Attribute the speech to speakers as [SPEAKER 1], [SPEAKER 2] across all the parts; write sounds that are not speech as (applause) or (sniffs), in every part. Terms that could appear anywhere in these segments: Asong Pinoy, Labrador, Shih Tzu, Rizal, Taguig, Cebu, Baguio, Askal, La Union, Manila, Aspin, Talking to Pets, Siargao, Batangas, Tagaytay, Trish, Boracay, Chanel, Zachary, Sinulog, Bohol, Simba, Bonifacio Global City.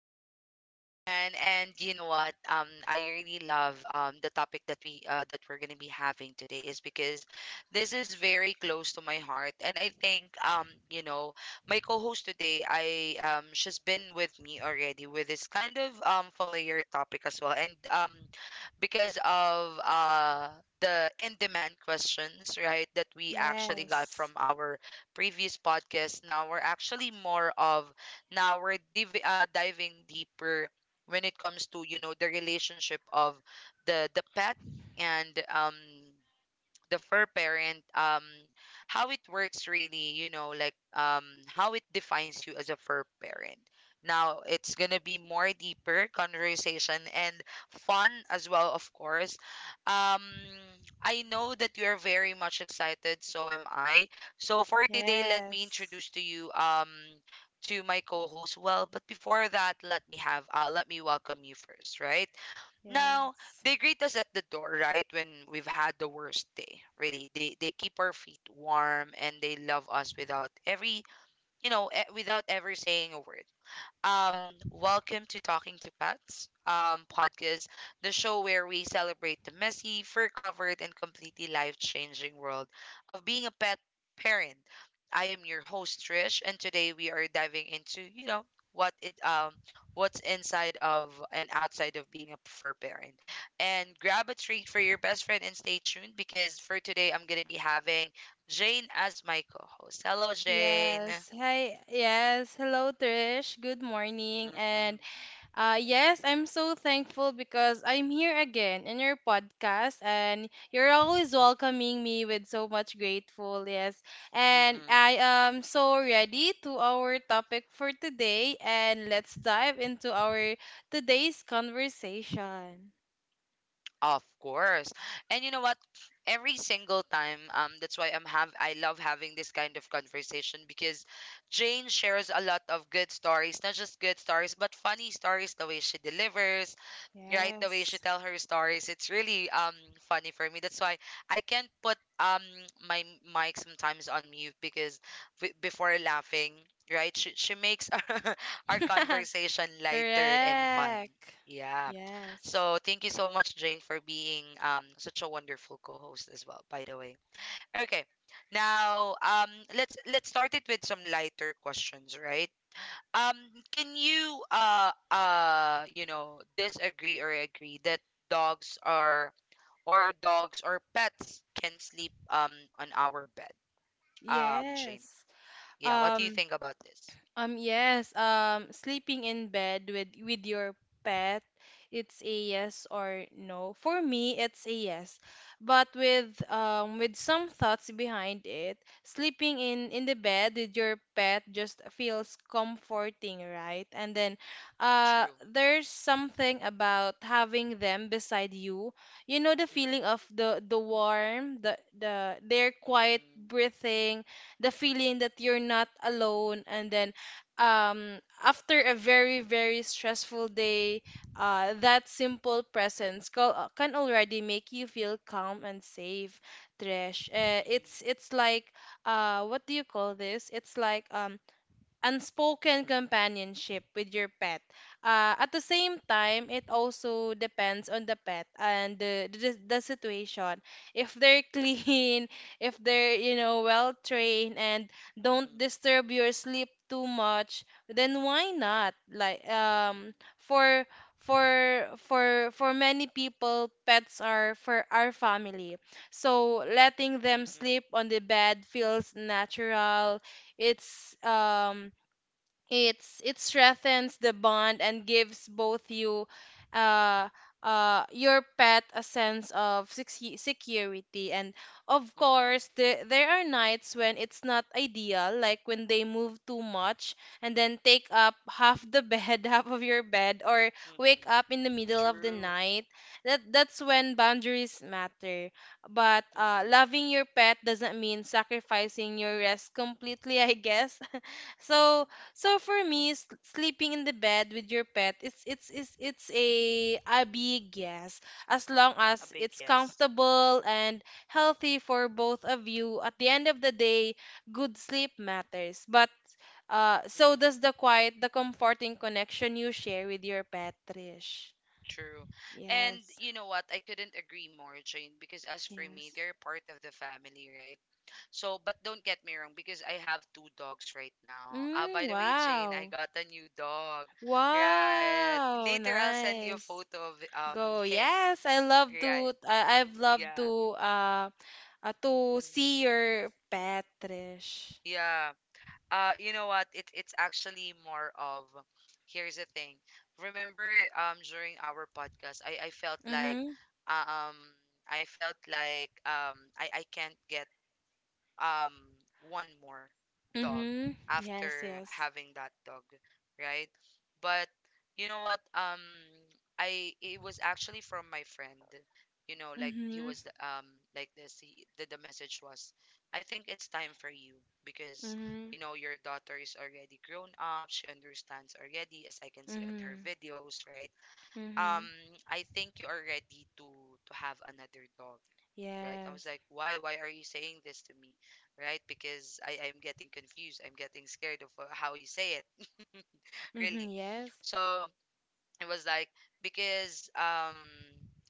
[SPEAKER 1] we are here again. And you know what? I really love the topic that we that we're gonna be having today is because this is very close to my heart, and I think my co-host today, I she's been with me already with this kind of familiar topic as well, and because of the in-demand questions, right, that we actually got from
[SPEAKER 2] Yes.
[SPEAKER 1] our previous podcast. Now we're actually more of, now we're diving deeper when it comes to the relationship of the pet and the fur parent, how it works, really, how it defines you as a fur parent. Now it's gonna be more deeper conversation and fun as well, of course. um I know that you're very much excited, so am I. So for today, let me
[SPEAKER 2] Yes.
[SPEAKER 1] introduce to you, to my co-host. Well, but before that, let me welcome you first, right? Now,
[SPEAKER 2] Yes.
[SPEAKER 1] they greet us at the door, right when we've had the worst day. Really, they keep our feet warm, and they love us without every you know e- without ever saying a word. um, welcome to Talking to Pets podcast, the show where we celebrate the messy, fur covered, and completely life changing world of being a pet parent. I am your host, Trish, and today we are diving into, you know, what it um what's inside of and outside of being a fur parent. And grab a treat for your best friend and stay tuned, because for today I'm gonna be having Jane as my co-host. Hello, Jane.
[SPEAKER 2] Yes. Hi. Yes. Hello, Trish. Good morning.
[SPEAKER 1] Mm-mm.
[SPEAKER 2] And yes, I'm so thankful because I'm here again in your podcast, and you're always welcoming me with so much grateful. Yes. And
[SPEAKER 1] Mm-mm.
[SPEAKER 2] I am so ready to our topic for today, and let's dive into our today's conversation.
[SPEAKER 1] Of course. And you know what? Every single time, that's why I love having this kind of conversation, because Jane shares a lot of good stories, not just good stories, but funny stories, the way she delivers, right, the way she
[SPEAKER 2] Yes.
[SPEAKER 1] tell her stories. It's really funny for me. That's why I can't put my mic sometimes on mute because before laughing, right. She makes (laughs) our conversation
[SPEAKER 2] (laughs)
[SPEAKER 1] lighter and fun,
[SPEAKER 2] Correct.
[SPEAKER 1] yeah.
[SPEAKER 2] Yes.
[SPEAKER 1] So thank you so much, Jane, for being such a wonderful co-host as well, by the way. Okay, now, let's start it with some lighter questions, right? um can you you know disagree or agree that dogs are, or dogs or pets can sleep on our bed, Jane?
[SPEAKER 2] Yes.
[SPEAKER 1] Yeah, what do you
[SPEAKER 2] Um,
[SPEAKER 1] think about this?
[SPEAKER 2] Yes, sleeping in bed with your pet, it's a yes or no. For me, it's a yes. But with some thoughts behind it, sleeping in the bed with your pet just feels comforting, right? And then
[SPEAKER 1] True.
[SPEAKER 2] there's something about having them beside you. You know the feeling
[SPEAKER 1] Mm-mm.
[SPEAKER 2] of the warm, their quiet
[SPEAKER 1] Mm-mm.
[SPEAKER 2] breathing, the feeling that you're not alone, and then after a very very stressful day, that simple presence can already make you feel calm and safe, Trish. uh,
[SPEAKER 1] Mm-mm.
[SPEAKER 2] it's it's like, what do you call this, it's like unspoken companionship with your pet. At the same time, it also depends on the pet and the situation. If they're clean, (laughs) if they're well trained and don't
[SPEAKER 1] Mm-mm.
[SPEAKER 2] disturb your sleep too much, then why not? Like,
[SPEAKER 1] Mm-mm.
[SPEAKER 2] for many people, pets are for our family, so letting them
[SPEAKER 1] Mm-mm.
[SPEAKER 2] sleep on the bed feels natural. It's um it's it strengthens the bond and gives both you, uh your pet, a sense of security. And of
[SPEAKER 1] Mm-mm.
[SPEAKER 2] course, there are nights when it's not ideal, like when they move too much and then take up half the bed, (laughs) half of your bed, or wake
[SPEAKER 1] Mm-mm.
[SPEAKER 2] up in the middle of the
[SPEAKER 1] True.
[SPEAKER 2] night. That's when boundaries matter, but
[SPEAKER 1] Mm-mm.
[SPEAKER 2] loving your pet doesn't mean sacrificing your rest completely, (laughs) I guess. (laughs) so
[SPEAKER 1] Mm-mm.
[SPEAKER 2] so for me, sleeping in the bed with your pet, it's a big yes, as long
[SPEAKER 1] A
[SPEAKER 2] as
[SPEAKER 1] big
[SPEAKER 2] it's
[SPEAKER 1] yes.
[SPEAKER 2] comfortable and healthy for both of you. At the end of the day, good sleep matters, but so
[SPEAKER 1] Mm-mm.
[SPEAKER 2] does the quiet, the comforting connection you share with your pet, Trish.
[SPEAKER 1] True. And
[SPEAKER 2] Yes,
[SPEAKER 1] you know what? I couldn't agree more, Jane, because as for me,
[SPEAKER 2] yes.
[SPEAKER 1] they're part of the family, right? So, but don't get me wrong, because I have two dogs right now. Ah,
[SPEAKER 2] Mm,
[SPEAKER 1] by the way, Jane, I
[SPEAKER 2] wow,
[SPEAKER 1] got a new dog. Right.
[SPEAKER 2] wow,
[SPEAKER 1] Later, I'll send you a
[SPEAKER 2] nice.
[SPEAKER 1] photo of
[SPEAKER 2] Go.
[SPEAKER 1] him.
[SPEAKER 2] Yes, I love to
[SPEAKER 1] Right.
[SPEAKER 2] I, I've loved
[SPEAKER 1] Yeah.
[SPEAKER 2] to to
[SPEAKER 1] Mm-mm.
[SPEAKER 2] see your pet, Trish.
[SPEAKER 1] Yeah. You know what? It's actually more of, here's the thing. Remember, during our podcast, I felt like,
[SPEAKER 2] Mhm.
[SPEAKER 1] um, I felt like I can't get um one more dog
[SPEAKER 2] Mhm. Yes,
[SPEAKER 1] after
[SPEAKER 2] yes.
[SPEAKER 1] having that dog, right? But you know what? I, it was actually from my friend. You know, like he
[SPEAKER 2] Mhm.
[SPEAKER 1] was like this, he, the message was, I think it's time for you, because
[SPEAKER 2] Mhm.
[SPEAKER 1] you know, your daughter is already grown up, she understands already, as I can see on her
[SPEAKER 2] Mhm.
[SPEAKER 1] videos, right? Um
[SPEAKER 2] Mhm.
[SPEAKER 1] I think you are ready to have another dog, right? I was
[SPEAKER 2] Yes.
[SPEAKER 1] like, why? Why are you saying this to me, right? Because I'm getting confused. I'm getting scared of, how you say it. (laughs)
[SPEAKER 2] Mhm.
[SPEAKER 1] Really.
[SPEAKER 2] Yes.
[SPEAKER 1] So it was like, because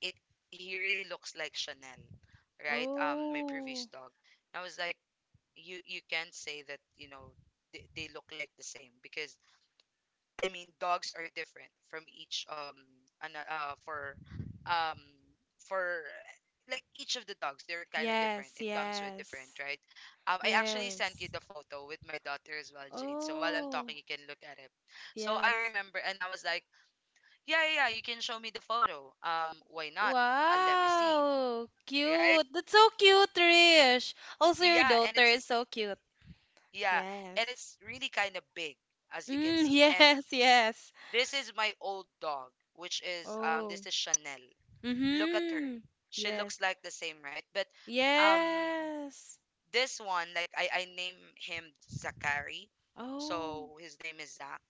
[SPEAKER 1] it, he really looks like Chanel, right? My previous
[SPEAKER 2] Oh.
[SPEAKER 1] dog. And I was like, you can't say that, you know, they look like the same, because I mean, dogs are different from each an, uh for um for, like, each of the dogs, they're kind of different.
[SPEAKER 2] Yes,
[SPEAKER 1] It comes with different,
[SPEAKER 2] yes.
[SPEAKER 1] right? I actually sent you
[SPEAKER 2] Yes.
[SPEAKER 1] the photo with my daughter as well, Jane. So while I'm
[SPEAKER 2] Oh.
[SPEAKER 1] talking, you can look at it. So I
[SPEAKER 2] Yes.
[SPEAKER 1] remember, and I was like, yeah, yeah, yeah, you can show me the photo. Why not? Let me see,
[SPEAKER 2] Wow.
[SPEAKER 1] right?
[SPEAKER 2] Cute. That's so cute, Trish. Also, your
[SPEAKER 1] Yeah, and
[SPEAKER 2] daughter is
[SPEAKER 1] it's,
[SPEAKER 2] so cute.
[SPEAKER 1] yeah, and
[SPEAKER 2] Yes.
[SPEAKER 1] it's really kind of big, as you can
[SPEAKER 2] Mm, (laughs)
[SPEAKER 1] see. And
[SPEAKER 2] yes, yes.
[SPEAKER 1] this is my old dog, which is
[SPEAKER 2] Oh.
[SPEAKER 1] this is Chanel. Look at her.
[SPEAKER 2] Mm-hmm.
[SPEAKER 1] She
[SPEAKER 2] Yes.
[SPEAKER 1] looks like the same, right? But um
[SPEAKER 2] Yes.
[SPEAKER 1] this one, like I name him Zachary.
[SPEAKER 2] Oh.
[SPEAKER 1] So his name is Zach,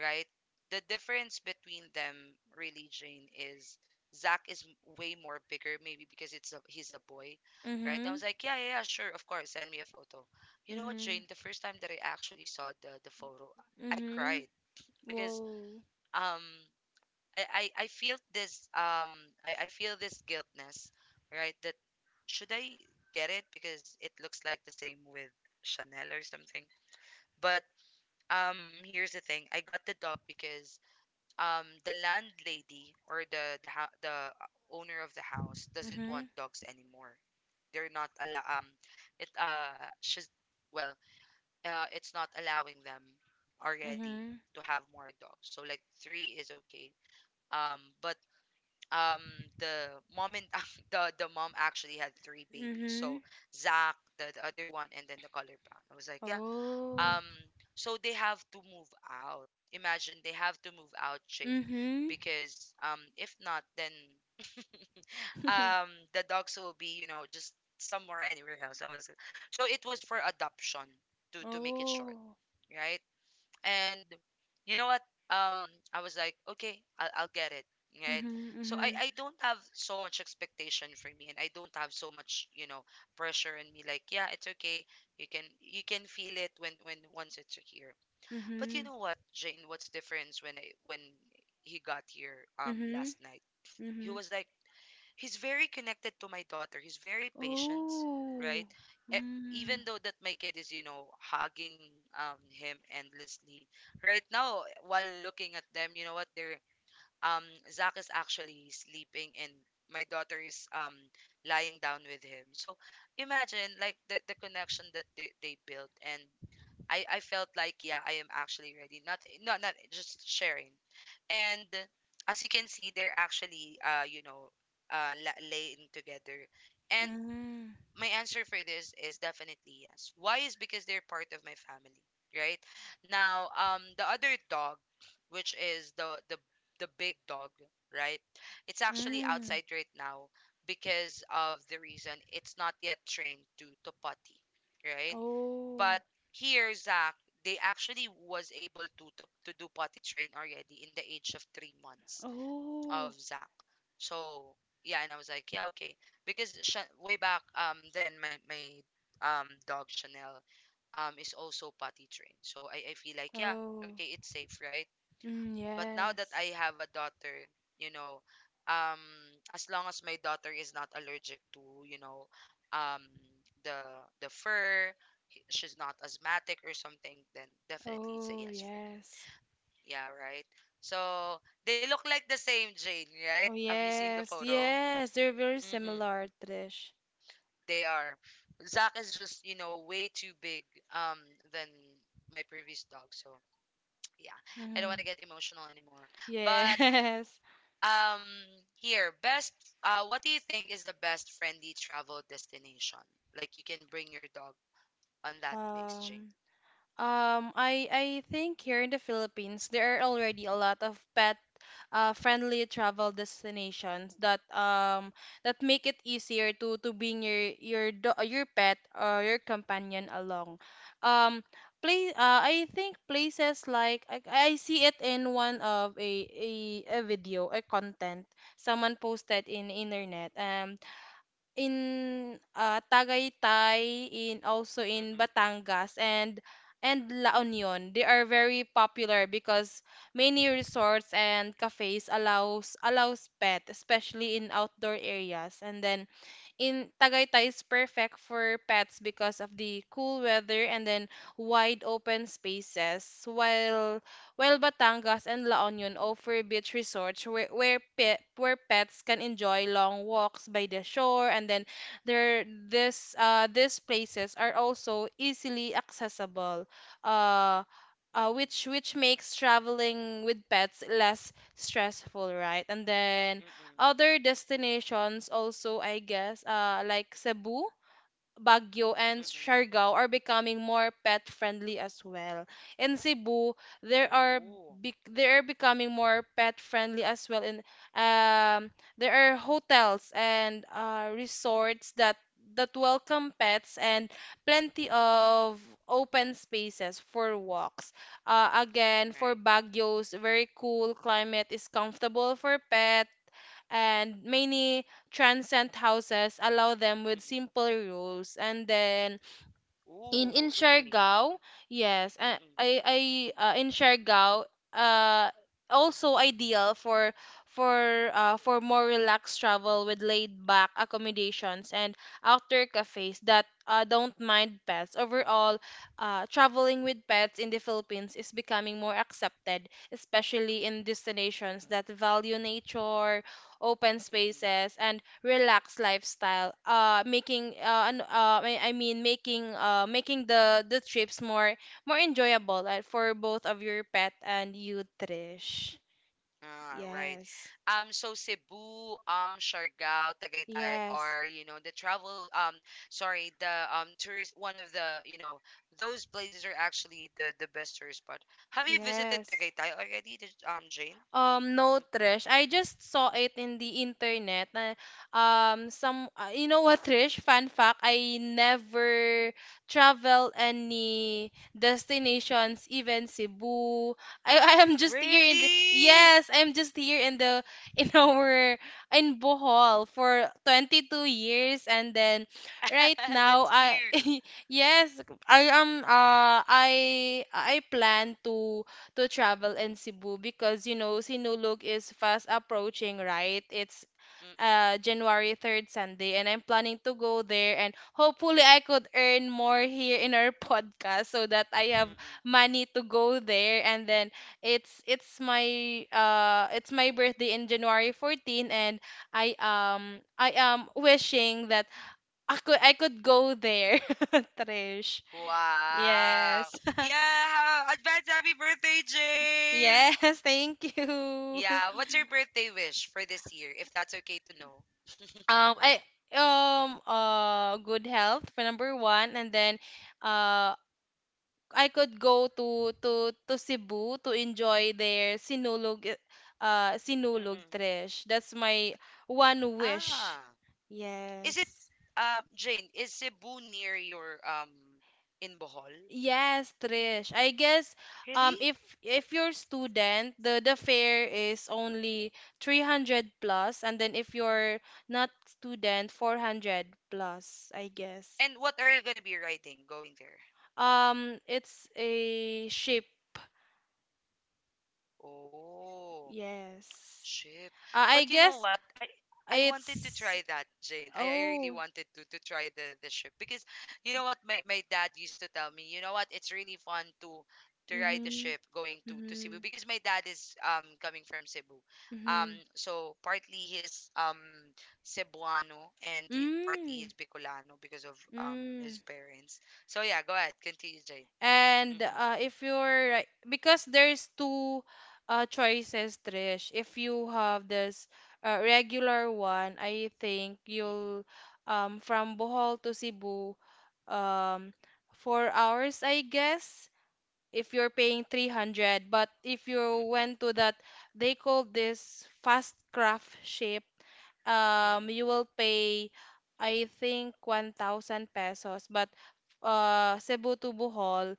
[SPEAKER 1] right? The difference between them, really, Jane, is Zach is way more bigger, maybe because it's a he's a boy, right? I
[SPEAKER 2] Mm-hmm.
[SPEAKER 1] was like, yeah, yeah, yeah, sure, of course, send me a photo. You know what,
[SPEAKER 2] Mm-hmm.
[SPEAKER 1] Jane? The first time that I actually saw the photo, I
[SPEAKER 2] Mm-hmm.
[SPEAKER 1] cried, because
[SPEAKER 2] Whoa.
[SPEAKER 1] um I feel this I feel this guiltness, right? That, should I get it, because it looks like the same with Chanel or something. But um here's the thing. I got the dog because the landlady, or the owner of the house, doesn't
[SPEAKER 2] Mm-hmm.
[SPEAKER 1] want dogs anymore. They're not allow it, uh, she's, well, uh, it's not allowing them already
[SPEAKER 2] Mm-hmm.
[SPEAKER 1] to have more dogs. So like three is okay. But um the mom and (laughs) the mom actually had three babies.
[SPEAKER 2] Mm-hmm.
[SPEAKER 1] So Zach, the other one, and then the color brown, I was like, yeah.
[SPEAKER 2] Oh.
[SPEAKER 1] Um, so they have to move out, imagine they have to move out, Shane,
[SPEAKER 2] Mm-hmm.
[SPEAKER 1] because if not, then
[SPEAKER 2] (laughs)
[SPEAKER 1] the dogs will be, you know, just somewhere, anywhere else. I was like, so it was for adoption, to make it short,
[SPEAKER 2] Oh.
[SPEAKER 1] right? And you know what? Um, I was like, okay, I'll get it, right?
[SPEAKER 2] Mm-hmm.
[SPEAKER 1] So I,
[SPEAKER 2] Mm-hmm.
[SPEAKER 1] I don't have so much expectation for me, and I don't have so much, you know, pressure in me. Like, yeah, it's okay. You can feel it when once it's here. But
[SPEAKER 2] Mm-hmm.
[SPEAKER 1] you know what, Jane? What's difference when I, when he got here
[SPEAKER 2] Mm-hmm.
[SPEAKER 1] last night? He
[SPEAKER 2] Mm-hmm.
[SPEAKER 1] was like, he's very connected to my daughter. He's very patient,
[SPEAKER 2] Oh.
[SPEAKER 1] right?
[SPEAKER 2] Mm.
[SPEAKER 1] Even though that my kid is, you know, hugging him endlessly right now. While looking at them, you know what? They're, um, Zach is actually sleeping, and my daughter is lying down with him. So imagine like the connection that they built. And I felt like, yeah, I am actually ready, not just sharing. And as you can see, they're actually, uh, you know, laying together. And
[SPEAKER 2] Mm.
[SPEAKER 1] my answer for this is definitely yes. Why is because they're part of my family, right? Now, the other dog, which is the big dog, right? It's actually
[SPEAKER 2] Mm.
[SPEAKER 1] outside right now because of the reason it's not yet trained to potty, right?
[SPEAKER 2] Oh.
[SPEAKER 1] But here, Zach, they actually was able to do potty train already in the age of 3 months
[SPEAKER 2] Oh.
[SPEAKER 1] of Zach. So yeah, and I was like, yeah, okay, because way back then my dog Chanel is also potty trained. So I feel like, yeah,
[SPEAKER 2] Oh.
[SPEAKER 1] okay, it's safe, right?
[SPEAKER 2] Mm,
[SPEAKER 1] But now that
[SPEAKER 2] yes.
[SPEAKER 1] I have a daughter, you know, um as long as my daughter is not allergic to, you know, um the the fur, she's not asthmatic or something, then definitely it's a
[SPEAKER 2] Oh,
[SPEAKER 1] yes for,
[SPEAKER 2] yes.
[SPEAKER 1] yeah, right. So they look like the same, Jane, right?
[SPEAKER 2] Oh,
[SPEAKER 1] Have you seen the
[SPEAKER 2] yes.
[SPEAKER 1] photo?
[SPEAKER 2] Yes, they're very
[SPEAKER 1] Mm-mm,
[SPEAKER 2] similar, Trish.
[SPEAKER 1] they are. Zach is just, you know, way too big, um than my previous dog. So (tsk) yeah, I don't
[SPEAKER 2] Mm,
[SPEAKER 1] want to get emotional anymore. But
[SPEAKER 2] yes.
[SPEAKER 1] um here, best, what do you think is the best friendly travel destination? Like you can bring your dog on
[SPEAKER 2] (laughs)
[SPEAKER 1] that place, Jane?
[SPEAKER 2] Um, I think here in the Philippines there are already a lot of pet friendly travel destinations that that make it easier to bring your pet or your companion along. Um, play I think places like I see it in one of a content someone posted in internet. In Tagaytay, in also
[SPEAKER 1] Mm-mm,
[SPEAKER 2] in Batangas and La Union. They are very popular because many resorts and cafes allows pet, especially in outdoor areas. And then in Tagaytay is perfect for pets because of the cool weather and then wide open spaces, while Batangas and La Union offer beach resorts where where pets can enjoy long walks by the shore. And then there this these places are also easily accessible. Uh
[SPEAKER 1] mm-mm,
[SPEAKER 2] which makes traveling with pets less stressful, right? And then
[SPEAKER 1] mm-mm,
[SPEAKER 2] other destinations also, I guess, like Cebu, Baguio, and
[SPEAKER 1] mm-mm.
[SPEAKER 2] Siargao are becoming more pet friendly as well. In Cebu, there are
[SPEAKER 1] Ooh,
[SPEAKER 2] bec they are becoming more pet friendly as well. In um, there are hotels and resorts that welcome pets and plenty of open spaces for walks. Again, for
[SPEAKER 1] right.
[SPEAKER 2] Baguio's very cool climate is comfortable for pets, and many transient houses allow them with
[SPEAKER 1] Mm-mm.
[SPEAKER 2] simple rules. And then in
[SPEAKER 1] Ooh, really?
[SPEAKER 2] Siargao, yes,
[SPEAKER 1] Mm-mm,
[SPEAKER 2] I in Siargao, uh also ideal for for more relaxed travel with laid back accommodations and outdoor cafes that don't mind pets. Overall, traveling with pets in the Philippines is becoming more accepted, especially in destinations that value nature, open
[SPEAKER 1] mm-mm.
[SPEAKER 2] spaces, and relaxed lifestyle, I mean making the trips more enjoyable, for both of your pet and you, Trish.
[SPEAKER 1] Ah, right.
[SPEAKER 2] Yes.
[SPEAKER 1] So Cebu, Siargao, Tagaytay
[SPEAKER 2] Yes.
[SPEAKER 1] are, you know, the travel, sorry, the tourist, one of the, you know, those places are actually the best tourist spot. Have you visited
[SPEAKER 2] Yes.
[SPEAKER 1] Tagaytay already, the, Jane?
[SPEAKER 2] No, Trish. I just saw it in the internet. You know what, Trish? Fun fact, I never travel any destinations, even Cebu. (laughs) I am
[SPEAKER 1] Mm.
[SPEAKER 2] just here in the,
[SPEAKER 1] Really?
[SPEAKER 2] yes, I'm just here in the, (laughs) in our, in Bohol for 22 years. And then right
[SPEAKER 1] (laughs)
[SPEAKER 2] now,
[SPEAKER 1] That's cute.
[SPEAKER 2] (laughs) yes, I plan to travel in Cebu because you know Sinulog is fast approaching, right? It's
[SPEAKER 1] Mm-mm,
[SPEAKER 2] January 3rd Sunday, and I'm planning to go there, and hopefully I could earn more here in our (laughs) podcast, so that I have
[SPEAKER 1] mm-mm.
[SPEAKER 2] money to go there. And then it's my birthday in January 14th, and I am wishing that I could go there, (laughs) Trish. Yes.
[SPEAKER 1] Wow.
[SPEAKER 2] (laughs)
[SPEAKER 1] Yeah, advance happy birthday, Jane.
[SPEAKER 2] Yes, thank you.
[SPEAKER 1] Yeah,
[SPEAKER 2] (laughs)
[SPEAKER 1] what's your birthday wish for this year, if that's okay to know?
[SPEAKER 2] I good health for number one, and then uh I could go to Cebu to enjoy their Sinulog,
[SPEAKER 1] Mm-mm.
[SPEAKER 2] Trish. That's my one wish.
[SPEAKER 1] Ah, is it,
[SPEAKER 2] Yes.
[SPEAKER 1] Jane, is Cebu near your in Bohol?
[SPEAKER 2] Yes, Trish. I guess
[SPEAKER 1] Really?
[SPEAKER 2] if you're student, the fare is only 300 plus, and then if you're not student, 400 plus, I guess.
[SPEAKER 1] And what are you gonna be writing going there?
[SPEAKER 2] It's a ship.
[SPEAKER 1] Oh.
[SPEAKER 2] Yes.
[SPEAKER 1] Ship.
[SPEAKER 2] I
[SPEAKER 1] But you know
[SPEAKER 2] guess
[SPEAKER 1] what? I wanted to try
[SPEAKER 2] it's.
[SPEAKER 1] that, Jane. I really
[SPEAKER 2] Oh.
[SPEAKER 1] wanted to try the ship, because you know what, my dad used to tell me, you know what? It's really fun to ride the ship
[SPEAKER 2] Mhm.
[SPEAKER 1] going to Cebu
[SPEAKER 2] Mhm.
[SPEAKER 1] because my dad is coming from Cebu. Um
[SPEAKER 2] Mhm.
[SPEAKER 1] so partly he's Cebuano and he, partly he's
[SPEAKER 2] Mm.
[SPEAKER 1] Bicolano because of his
[SPEAKER 2] Mm.
[SPEAKER 1] parents. So yeah, go ahead. Continue, Jane.
[SPEAKER 2] And
[SPEAKER 1] Mm-mm,
[SPEAKER 2] if you're right, because there's two choices, Trish. If you have this regular one, I think
[SPEAKER 1] mm-mm,
[SPEAKER 2] you'll from Bohol to Cebu, um, 4 hours, I guess. If you're paying 300, but if you
[SPEAKER 1] mm-mm,
[SPEAKER 2] went to that, they call this fast craft ship,
[SPEAKER 1] mm-mm,
[SPEAKER 2] you will pay, I think, 1,000 pesos, but Cebu to Bohol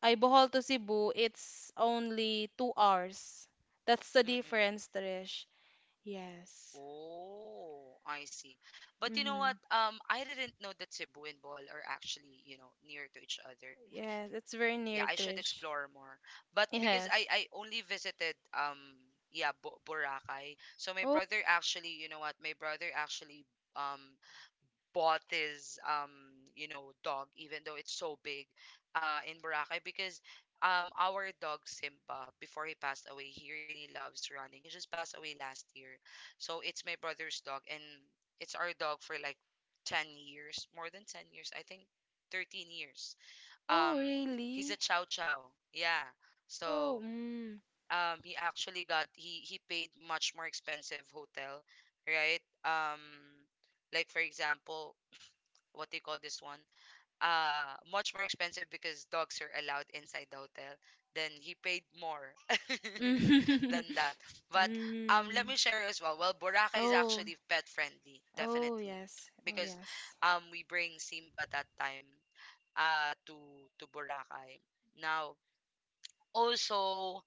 [SPEAKER 2] ay Bohol to Cebu, it's only 2 hours. That's the
[SPEAKER 1] mm-mm.
[SPEAKER 2] difference, Trish. Yes.
[SPEAKER 1] Oh, I see. But you know
[SPEAKER 2] mm-hmm.
[SPEAKER 1] what? I didn't know that Cebu and Bohol are actually, you know, near to each other.
[SPEAKER 2] Yes,
[SPEAKER 1] Yeah, I
[SPEAKER 2] it's
[SPEAKER 1] should
[SPEAKER 2] very near,
[SPEAKER 1] explore more.
[SPEAKER 2] Trish.
[SPEAKER 1] But because I
[SPEAKER 2] (laughs)
[SPEAKER 1] I only
[SPEAKER 2] Yes.
[SPEAKER 1] visited yeah, Bo Boracay. So my brother
[SPEAKER 2] Oh.
[SPEAKER 1] actually, you know what? My brother actually um bought his you know dog even though it's so big in Boracay because our dog Simba, before he passed away, he really loves running. He just passed away last year. So it's my brother's dog, and it's our dog for like 10 years, more than 10 years, I think 13 years.
[SPEAKER 2] Oh,
[SPEAKER 1] um he's
[SPEAKER 2] really?
[SPEAKER 1] a chow chow, yeah.
[SPEAKER 2] Oh.
[SPEAKER 1] So
[SPEAKER 2] Mm.
[SPEAKER 1] he actually got, he paid much more expensive hotel, right? um like, for example, what they call this one, much more expensive because dogs are allowed inside the hotel. Then he paid more (laughs)
[SPEAKER 2] Mm.
[SPEAKER 1] than that.
[SPEAKER 2] (laughs)
[SPEAKER 1] But let
[SPEAKER 2] Mm.
[SPEAKER 1] me share as well. Well, Boracay is
[SPEAKER 2] Oh,
[SPEAKER 1] actually pet friendly,
[SPEAKER 2] oh
[SPEAKER 1] definitely,
[SPEAKER 2] yes. Oh
[SPEAKER 1] because
[SPEAKER 2] yes.
[SPEAKER 1] we bring Simba that time to Boracay. Now, also,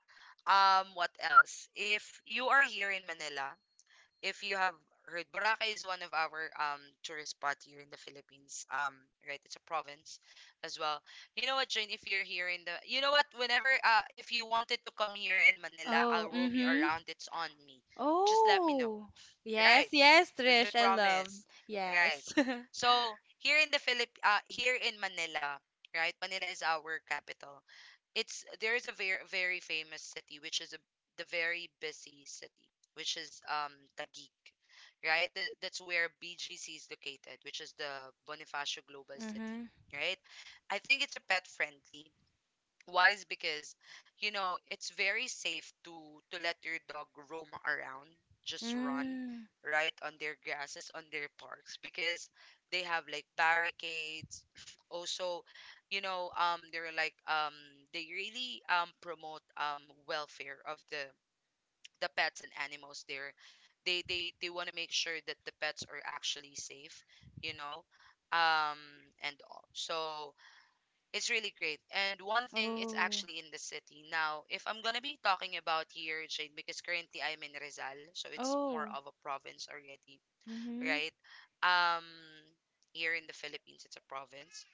[SPEAKER 1] what else? If you are here in Manila, if you have heard, Boracay is one of our tourist spot here in the Philippines. Right, it's a province as well. You know what, Jane? If you're here in the, you know what? Whenever if you wanted to come here in Manila,
[SPEAKER 2] Oh,
[SPEAKER 1] I'll roam you
[SPEAKER 2] mm-hmm.
[SPEAKER 1] around. It's on me. Just let me know.
[SPEAKER 2] Oh. Yes,
[SPEAKER 1] Right,
[SPEAKER 2] yes,
[SPEAKER 1] that's a
[SPEAKER 2] Trish, I loved.
[SPEAKER 1] promise. Right.
[SPEAKER 2] Yes. (laughs)
[SPEAKER 1] So here in the here in Manila, right? Manila is our capital. It's, there is a very, very famous city, which is the very busy city, which is Taguig, right? That's where BGC is located, which is the Bonifacio Global City,
[SPEAKER 2] Mm-hmm.
[SPEAKER 1] right? I think it's a pet friendly. Why is because, you know, it's very safe to let your dog roam around, just run,
[SPEAKER 2] Mm.
[SPEAKER 1] right, on their grasses, on their parks, because they have like barricades. (sniffs) Also, you know, they're they really promote welfare of the pets and animals there. They they want to make sure that the pets are actually safe, you know, um and all. So it's really great. And one thing, it's
[SPEAKER 2] Oh.
[SPEAKER 1] actually in the city. Now, if I'm gonna be talking about here, Jade, because currently I'm in Rizal, so it's more
[SPEAKER 2] Oh.
[SPEAKER 1] of a province already,
[SPEAKER 2] Mm-hmm.
[SPEAKER 1] right? um here in the Philippines it's a province,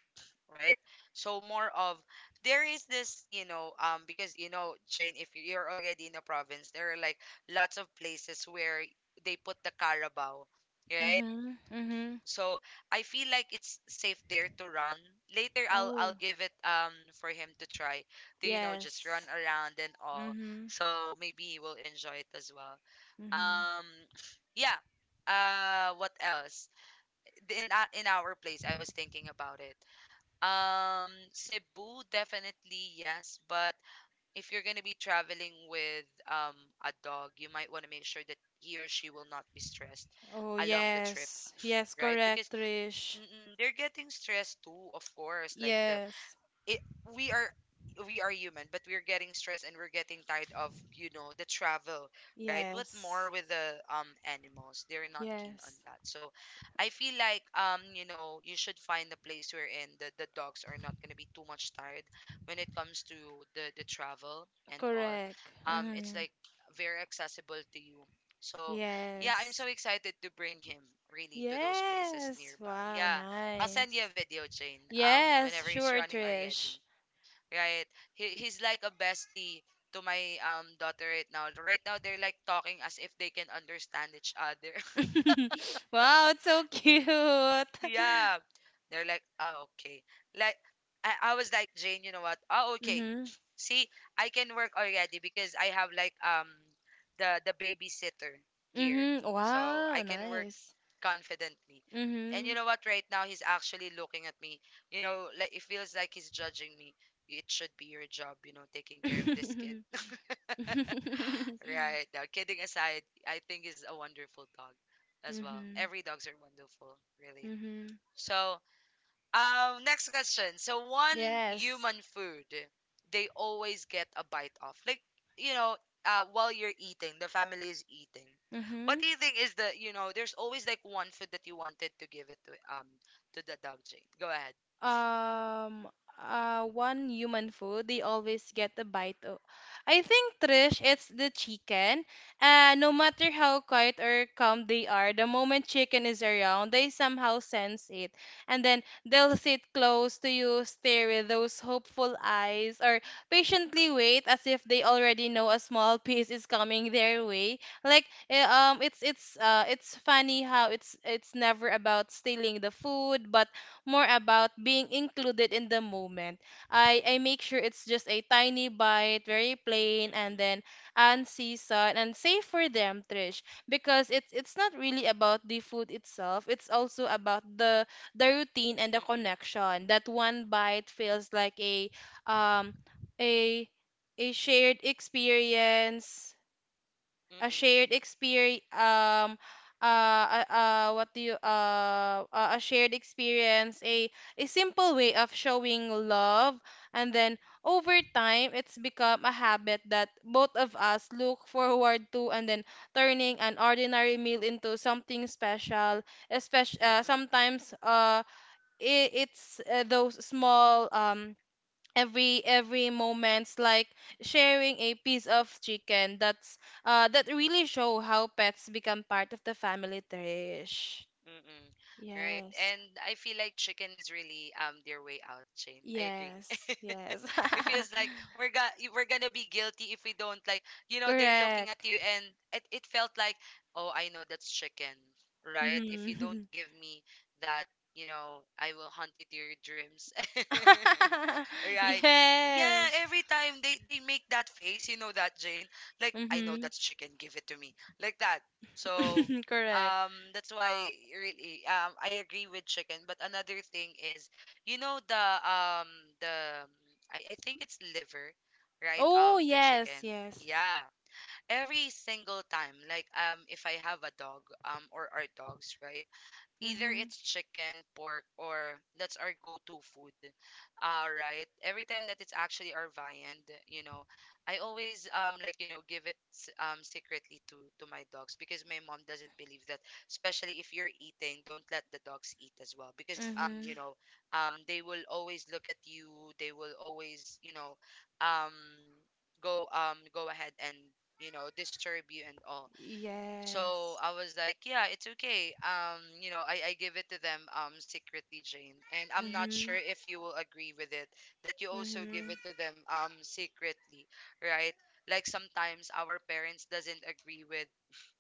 [SPEAKER 1] right? So more of, there is this, you know, because you know, Jane, if you're already in a province, there are like lots of places where they put the Carabao, right?
[SPEAKER 2] Mm-hmm. Mm-hmm.
[SPEAKER 1] So I feel like it's safe there to run. Later, I'll
[SPEAKER 2] Oh.
[SPEAKER 1] give it for him to try, to you know, just run
[SPEAKER 2] Yes.
[SPEAKER 1] around and all.
[SPEAKER 2] Mm-hmm.
[SPEAKER 1] So maybe he will enjoy it as well.
[SPEAKER 2] Mm-hmm.
[SPEAKER 1] Um, (sighs) yeah. What else? In our place, I was thinking about it. Cebu, definitely, yes. But if you're gonna be traveling with a dog, you might want to make sure that he or she will not be stressed
[SPEAKER 2] Oh,
[SPEAKER 1] along the trip,
[SPEAKER 2] yes. Yes,
[SPEAKER 1] right? Because
[SPEAKER 2] correct, Trish.
[SPEAKER 1] they're getting stressed too, of course. Like the,
[SPEAKER 2] Yes.
[SPEAKER 1] it, we are we are human, but we're getting stressed and we're getting tired of, you know, the travel, right? What more
[SPEAKER 2] Yes.
[SPEAKER 1] with the animals? They're not keen on
[SPEAKER 2] Yes.
[SPEAKER 1] that. So I feel like, you know, you should find a place wherein the dogs are not going to be too much tired when it comes to the travel and all.
[SPEAKER 2] Correct.
[SPEAKER 1] It's
[SPEAKER 2] Mm-hmm.
[SPEAKER 1] like very accessible to you. So yeah, I'm so
[SPEAKER 2] Yes.
[SPEAKER 1] excited to bring him, really, to those places
[SPEAKER 2] Yes.
[SPEAKER 1] nearby,
[SPEAKER 2] Wow,
[SPEAKER 1] yeah. I'll send you a
[SPEAKER 2] nice.
[SPEAKER 1] video, Jane.
[SPEAKER 2] Yes,
[SPEAKER 1] Whenever he's
[SPEAKER 2] sure,
[SPEAKER 1] running already,
[SPEAKER 2] Trish.
[SPEAKER 1] right? He's like a bestie to my daughter right now. Right now, they're like talking as if they can understand each other.
[SPEAKER 2] (laughs) Wow, it's so cute. (laughs)
[SPEAKER 1] Yeah. They're like, oh, okay. Like, I was like, Jane, you know what? Oh, okay.
[SPEAKER 2] Mm-hmm.
[SPEAKER 1] (sniffs) See, I can work already because I have like the babysitter here.
[SPEAKER 2] Mm-hmm.
[SPEAKER 1] So I
[SPEAKER 2] Wow,
[SPEAKER 1] can work
[SPEAKER 2] nice.
[SPEAKER 1] confidently. And
[SPEAKER 2] Mm-hmm.
[SPEAKER 1] you know what? Right now, he's actually looking at me. You know, like, it feels like he's judging me. It should be your job, you know, taking care of this kid. (laughs)
[SPEAKER 2] (laughs)
[SPEAKER 1] Right. Now, kidding aside, I think he's a wonderful dog as well.
[SPEAKER 2] Mm-hmm.
[SPEAKER 1] Every dogs are wonderful, really.
[SPEAKER 2] Mm-hmm.
[SPEAKER 1] So next question. So, one
[SPEAKER 2] Yes.
[SPEAKER 1] human food they always get a bite of. Like, you know, while you're eating, the family is eating. What
[SPEAKER 2] Mm-hmm.
[SPEAKER 1] do you think is the, you know, there's always like one food that you wanted to give it to the dog, Jane. Go ahead.
[SPEAKER 2] um One human food they always get a bite of, I think, Trish, it's the chicken. No matter how quiet or calm they are, the moment chicken is around, they somehow sense it, and then they'll sit close to you, stare with those hopeful eyes, or patiently wait as if they already know a small (laughs) piece is coming their way. Like, it's funny how it's never about stealing the food, but more about being included in the moment. I make sure it's just a tiny bite, very plain, and
[SPEAKER 1] Mm-mm.
[SPEAKER 2] then unseasoned, and safe for them, Trish, because it's not really about the food itself. It's also about the routine and the
[SPEAKER 1] Mm-mm.
[SPEAKER 2] connection. That one bite feels like um a a shared experience, a
[SPEAKER 1] Mm-mm.
[SPEAKER 2] shared experience um uh, what do you a shared experience a simple way of showing love, and then over time it's become a habit that both of us look forward to, and then turning an ordinary meal into something special, especially
[SPEAKER 1] Mm-mm.
[SPEAKER 2] sometimes, I it's those small every moments, like sharing a piece of chicken that really show how pets become part of the family, Trish.
[SPEAKER 1] Mm-mm. Right.
[SPEAKER 2] Yes.
[SPEAKER 1] And I feel like chicken is really their way out, Shane. I agree.
[SPEAKER 2] Yes.
[SPEAKER 1] (laughs)
[SPEAKER 2] Yes.
[SPEAKER 1] It feels like we're gonna be guilty if we don't, like, you
[SPEAKER 2] (laughs)
[SPEAKER 1] know, they're looking
[SPEAKER 2] Correct.
[SPEAKER 1] at you, and it felt like, oh, I know that's chicken, right? If you don't
[SPEAKER 2] Mm-hmm.
[SPEAKER 1] give me that, you know, I will hunt you to your dreams. (laughs)
[SPEAKER 2] (laughs)
[SPEAKER 1] right. Yeah,
[SPEAKER 2] Yes.
[SPEAKER 1] every time they make that face, you know that, Jane. Like, I know
[SPEAKER 2] mm-hmm.
[SPEAKER 1] that's chicken, give it to me. Like that. So
[SPEAKER 2] (laughs) Correct.
[SPEAKER 1] that's why really I agree with chicken. But another thing is, you know, the, I think it's liver, right,
[SPEAKER 2] Oh,
[SPEAKER 1] of the
[SPEAKER 2] yes.
[SPEAKER 1] chicken.
[SPEAKER 2] Yes.
[SPEAKER 1] Yeah. Every single time, like, if I have a dog or our dogs, right? Either
[SPEAKER 2] mm-hmm.
[SPEAKER 1] it's chicken, pork, or that's our go-to food. All right. Every time that it's actually our viand, you know, I always like, you know, give it secretly to my dogs, because my mom doesn't believe that, especially if you're eating, don't let the dogs eat as well, because
[SPEAKER 2] Mm-hmm.
[SPEAKER 1] you know, they will always look at you. They will always, you know, um go go ahead and, you know, disturb you and all. So
[SPEAKER 2] Yes.
[SPEAKER 1] I was like, yeah, it's okay. You know, I give it to them secretly, Jane. And I'm not
[SPEAKER 2] mm-hmm.
[SPEAKER 1] sure if you will agree with it that you also give
[SPEAKER 2] Mm-hmm.
[SPEAKER 1] it to them secretly, right? Like, sometimes our parents doesn't agree with,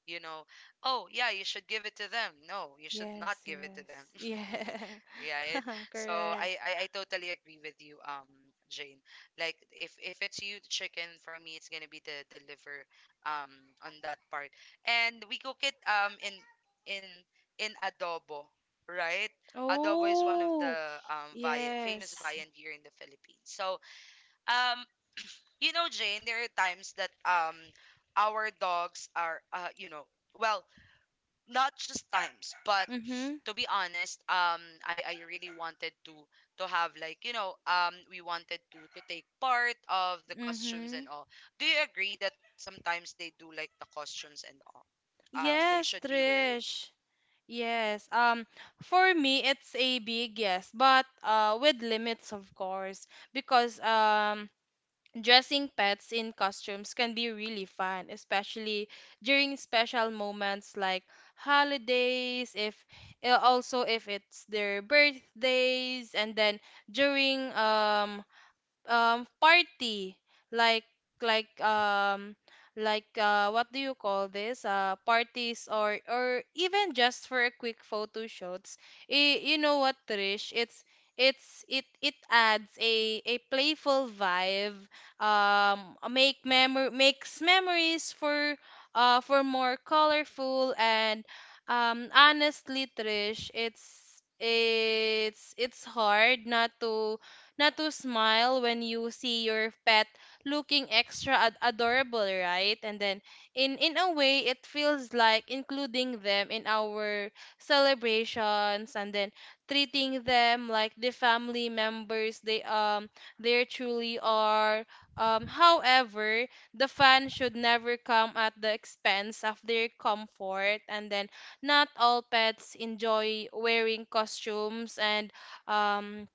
[SPEAKER 1] you know, oh, yeah, you should give it to them. No, you should not
[SPEAKER 2] Yes,
[SPEAKER 1] give it to
[SPEAKER 2] yes. Yeah.
[SPEAKER 1] them. (laughs) Right?
[SPEAKER 2] (laughs)
[SPEAKER 1] So
[SPEAKER 2] Correct.
[SPEAKER 1] I totally agree with you, Jane. Like, if it's you the chicken, for me it's gonna be the liver um on that part. And we cook it in in in adobo, right? Adobo is one of
[SPEAKER 2] Oh,
[SPEAKER 1] the viand, famous
[SPEAKER 2] yes.
[SPEAKER 1] viand here in the Philippines. So um you know, Jane, there are times that our dogs are you know, well, not just times, but
[SPEAKER 2] Mm-hmm.
[SPEAKER 1] to be honest, I really wanted to have like, you know, we wanted to take part of the costumes
[SPEAKER 2] Mm-hmm.
[SPEAKER 1] and all. Do you agree that sometimes they do like the costumes and all? They
[SPEAKER 2] Yes,
[SPEAKER 1] should be wearing,
[SPEAKER 2] Trish. Yes. For me, it's a big yes, but with limits, of course, because dressing pets in costumes can be really fun, especially during special moments like holidays, if also if it's their birthdays, and then during party, like like um what do you call this parties, or even just for a quick photo shoots. You know what, Trish? It adds a playful vibe. Makes memories for more colorful. And honestly, Trish, it's hard not to smile when you see your pet looking extra adorable, right? And then in a way it feels like including them in our celebrations and then treating them like the family members they they truly are. However, the fun should never come at the expense of their comfort, and then not all pets enjoy wearing costumes. And um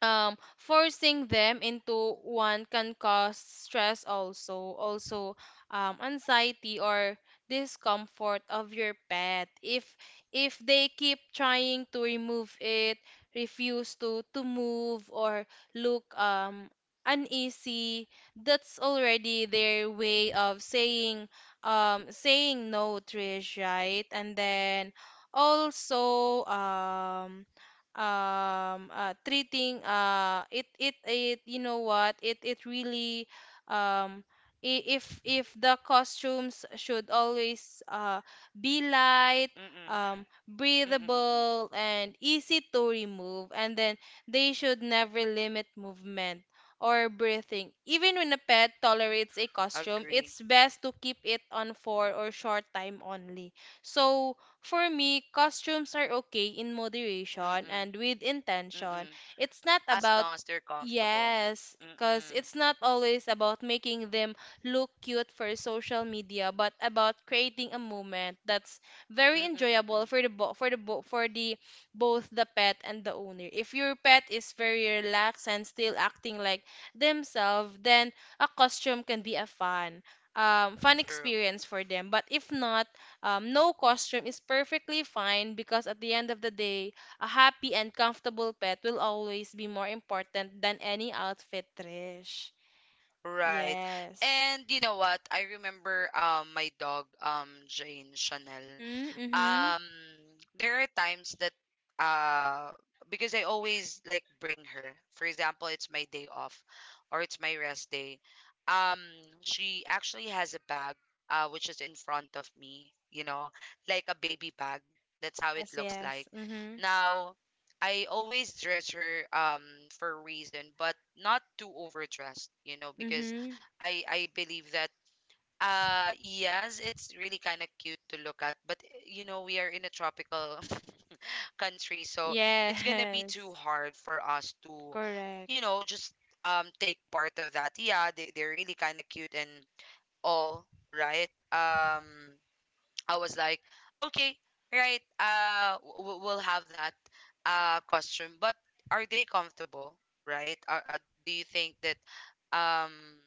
[SPEAKER 2] Forcing them into one can cause stress, also anxiety or discomfort of your pet. If they keep trying to remove it, refuse to move or look uneasy, that's already their way of saying saying no, Trish, right? And then also treating it it it you know what it really um I- if the costumes should always be light,
[SPEAKER 1] mm-mm, mm-mm, mm-mm.
[SPEAKER 2] breathable and easy to remove. And then they should never limit movement or breathing. Even when a pet tolerates a costume,
[SPEAKER 1] Agree.
[SPEAKER 2] it's best to keep it on for or short time only. So for me, costumes are okay in moderation
[SPEAKER 1] Mm-mm,
[SPEAKER 2] and with intention.
[SPEAKER 1] mm-mm.
[SPEAKER 2] It's not
[SPEAKER 1] As
[SPEAKER 2] about...
[SPEAKER 1] long as they're comfortable.
[SPEAKER 2] Yes, because
[SPEAKER 1] Mm-mm,
[SPEAKER 2] it's not always about making them look cute for social media, but about creating a moment that's very
[SPEAKER 1] mm-mm,
[SPEAKER 2] enjoyable for
[SPEAKER 1] mm-mm.
[SPEAKER 2] the both the pet and the owner. If your pet is very relaxed and still acting like themselves, then a costume can be a fun
[SPEAKER 1] True.
[SPEAKER 2] experience for them. But if not, no costume is perfectly fine, because at the end of the day, a happy and comfortable pet will always be more important than any outfit, Trish.
[SPEAKER 1] Right.
[SPEAKER 2] Yes.
[SPEAKER 1] And you know what? I remember my dog Jane Chanel.
[SPEAKER 2] Mhm, mhm.
[SPEAKER 1] um there are times that uh because I always like bring her. For example, it's my day off or it's my rest day. Um she actually has a bag which is in front of me, you know, like a baby bag. That's how it
[SPEAKER 2] Yes,
[SPEAKER 1] looks like.
[SPEAKER 2] yes. Mhm.
[SPEAKER 1] Now, I always dress her for a reason, but not too overdressed, you know, because
[SPEAKER 2] Mhm.
[SPEAKER 1] I believe that, yes, it's really kind of cute to look at, but eh, you know, we are in a tropical (laughs) country, so it's gonna be too
[SPEAKER 2] Yes. (laughs)
[SPEAKER 1] hard for us to,
[SPEAKER 2] Correct.
[SPEAKER 1] you know, just take part of that. Yeah, they, they're really kind of cute and all, right? I was like, okay, right, we'll have that costume, but are they comfortable, right? Are, do you think that um?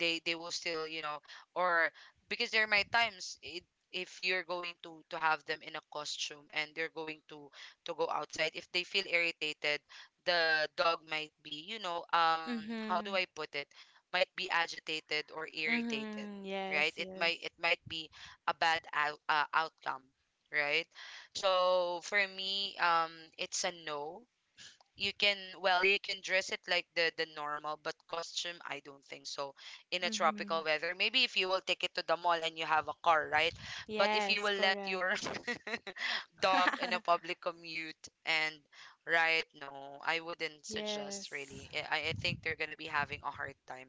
[SPEAKER 1] They will still or because there might times it, if you're going to have them in a costume and they're going to go outside, if they feel irritated, the dog might be, how do
[SPEAKER 2] Mhm.
[SPEAKER 1] I put it, might be agitated or irritated,
[SPEAKER 2] Mhm.
[SPEAKER 1] right?
[SPEAKER 2] Yes,
[SPEAKER 1] It might,
[SPEAKER 2] yes.
[SPEAKER 1] it might be a bad outcome, right? So for me, it's a no. You can, well, you can dress it like the normal, but costume, I don't think so in a
[SPEAKER 2] Mhm.
[SPEAKER 1] tropical weather. Maybe if you will take it to the mall and you have a car, right? But if you
[SPEAKER 2] Yes,
[SPEAKER 1] will let
[SPEAKER 2] correct.
[SPEAKER 1] your (laughs) dog in a
[SPEAKER 2] (laughs)
[SPEAKER 1] public commute and, right, no, I wouldn't suggest
[SPEAKER 2] Yes.
[SPEAKER 1] really. I think they're gonna be having a hard time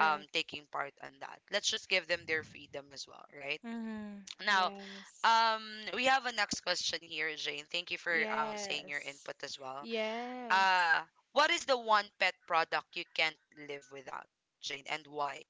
[SPEAKER 1] taking part on that. Let's just give them their freedom as well, right?
[SPEAKER 2] Mhm.
[SPEAKER 1] Now,
[SPEAKER 2] Yes.
[SPEAKER 1] um we have a next question here, Jane. Thank you for saying your
[SPEAKER 2] Yes.
[SPEAKER 1] input as well.
[SPEAKER 2] Yes.
[SPEAKER 1] uh, what is the one pet product you can't live without, Jane, and why?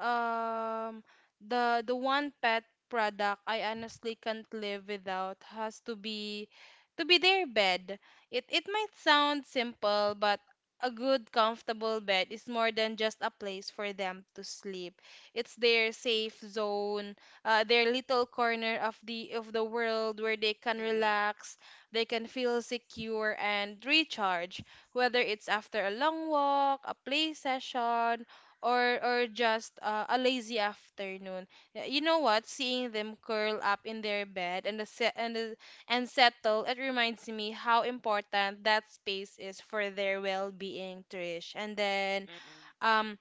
[SPEAKER 2] Um, the one pet product I honestly can't live without has to be their bed. It might sound simple, but a good comfortable bed is more than just a place for them to sleep. It's their safe zone, their little corner of the world where they can
[SPEAKER 1] Mm-mm,
[SPEAKER 2] relax, they can feel secure and recharge, whether it's after a long walk, a play session, or just a lazy afternoon. Y- You know what? Seeing them curl up in their bed and the se- and the, and settle, it reminds me how important that space is for their well-being, Trish. And then
[SPEAKER 1] mm-mm,
[SPEAKER 2] um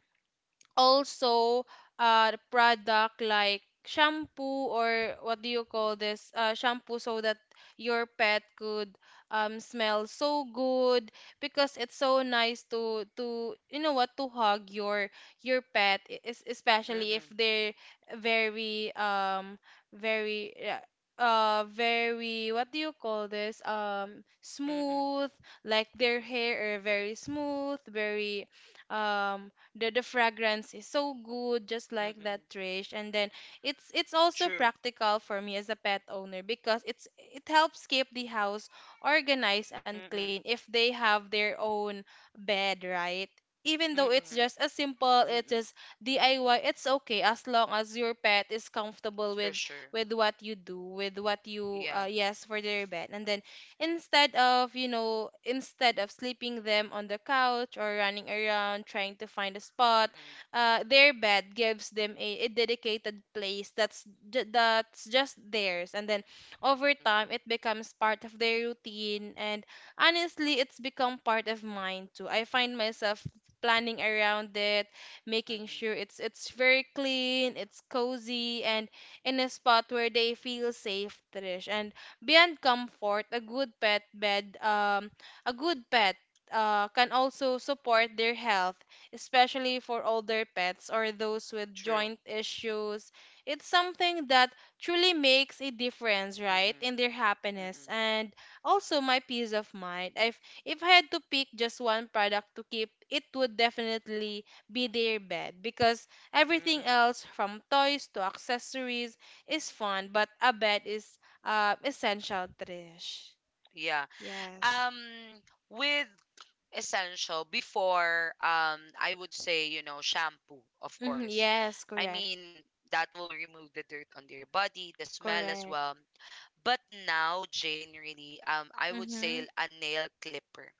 [SPEAKER 2] also the product like shampoo, or what do you call this, uh, shampoo, so that your pet could smell so good, because it's so nice to, you know what, to hug your pet, e- es- especially if
[SPEAKER 1] mm-mm,
[SPEAKER 2] they're very very very, what do you call this, um,
[SPEAKER 1] mm-mm,
[SPEAKER 2] smooth, like their hair are very smooth, very um the fragrance is so good, just like
[SPEAKER 1] mm-mm.
[SPEAKER 2] that, Trish. And then it's also
[SPEAKER 1] True.
[SPEAKER 2] practical for me as a pet owner, because it's it helps keep the house organized and clean
[SPEAKER 1] Mm-mm,
[SPEAKER 2] if they have their own bed, right? Even though it's
[SPEAKER 1] mm-mm,
[SPEAKER 2] just as simple, it's
[SPEAKER 1] mm-mm.
[SPEAKER 2] just DIY, it's okay as long as your pet is comfortable
[SPEAKER 1] For
[SPEAKER 2] with
[SPEAKER 1] sure.
[SPEAKER 2] with what you do, with what you,
[SPEAKER 1] Yeah.
[SPEAKER 2] yes, for their bed. And then instead of, you know, instead of sleeping them on the couch or running around trying to find a spot,
[SPEAKER 1] Mm-mm,
[SPEAKER 2] their bed gives them a dedicated place that's that's just theirs. And then over time
[SPEAKER 1] mm-mm,
[SPEAKER 2] it becomes part of their routine, and honestly it's become part of mine too. I find myself planning around it, making
[SPEAKER 1] mm-mm.
[SPEAKER 2] sure it's very clean, it's cozy, and in a spot where they feel safe, Trish. And beyond comfort, a good pet bed, a good pet can also support their health, especially for older pets or those with
[SPEAKER 1] True.
[SPEAKER 2] joint issues. It's something that truly makes a difference, right,
[SPEAKER 1] Mm-mm,
[SPEAKER 2] in their happiness
[SPEAKER 1] mm-mm,
[SPEAKER 2] and also my peace of mind. If I had to pick just one product to keep, it would definitely be their bed, because everything
[SPEAKER 1] mm-mm.
[SPEAKER 2] else from toys to accessories is fun, but a bed is, essential, Trish.
[SPEAKER 1] Yeah.
[SPEAKER 2] Yes.
[SPEAKER 1] Um, with essential before, I would say, shampoo, of
[SPEAKER 2] Hmm.
[SPEAKER 1] course.
[SPEAKER 2] Yes,
[SPEAKER 1] I
[SPEAKER 2] correct.
[SPEAKER 1] mean, that will remove the dirt on their body, the smell as
[SPEAKER 2] Correct.
[SPEAKER 1] well. But now, Jane, really, I would say
[SPEAKER 2] Mm-hmm.
[SPEAKER 1] a nail clipper,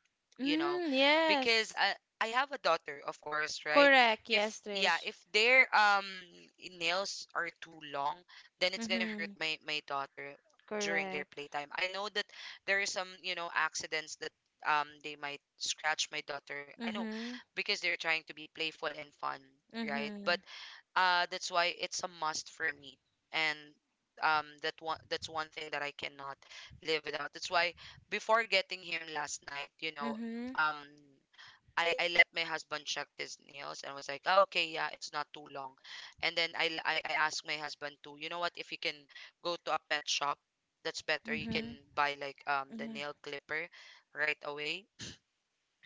[SPEAKER 1] you know,
[SPEAKER 2] Mm,
[SPEAKER 1] because
[SPEAKER 2] yes.
[SPEAKER 1] I have a daughter, of course, right?
[SPEAKER 2] Correct.
[SPEAKER 1] If,
[SPEAKER 2] Yes,
[SPEAKER 1] yeah,
[SPEAKER 2] Trish.
[SPEAKER 1] if their nails are too long, then it's gonna hurt
[SPEAKER 2] Mm-hmm.
[SPEAKER 1] my daughter during their
[SPEAKER 2] Correct.
[SPEAKER 1] playtime. I know that there is some accidents that they might scratch my daughter. I know
[SPEAKER 2] Mm-hmm.
[SPEAKER 1] because they're trying to be playful and fun, right? But
[SPEAKER 2] Mm-hmm.
[SPEAKER 1] that's why it's a must for me. And that's one thing that I cannot live without. That's why before getting him last night,
[SPEAKER 2] Mm-hmm.
[SPEAKER 1] um I let my husband check his nails and was like, "Ah, okay, yeah, it's not too long." And then I asked my husband to, you know what, if you can go to a pet shop, that's better. You can
[SPEAKER 2] Mm-hmm.
[SPEAKER 1] buy like the
[SPEAKER 2] Mm-hmm.
[SPEAKER 1] nail clipper right away,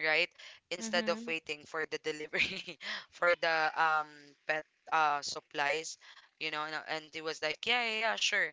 [SPEAKER 1] right? Instead of
[SPEAKER 2] Mm-hmm.
[SPEAKER 1] waiting for the delivery (laughs) for the pet supplies, and he was like, yeah, yeah, yeah, sure.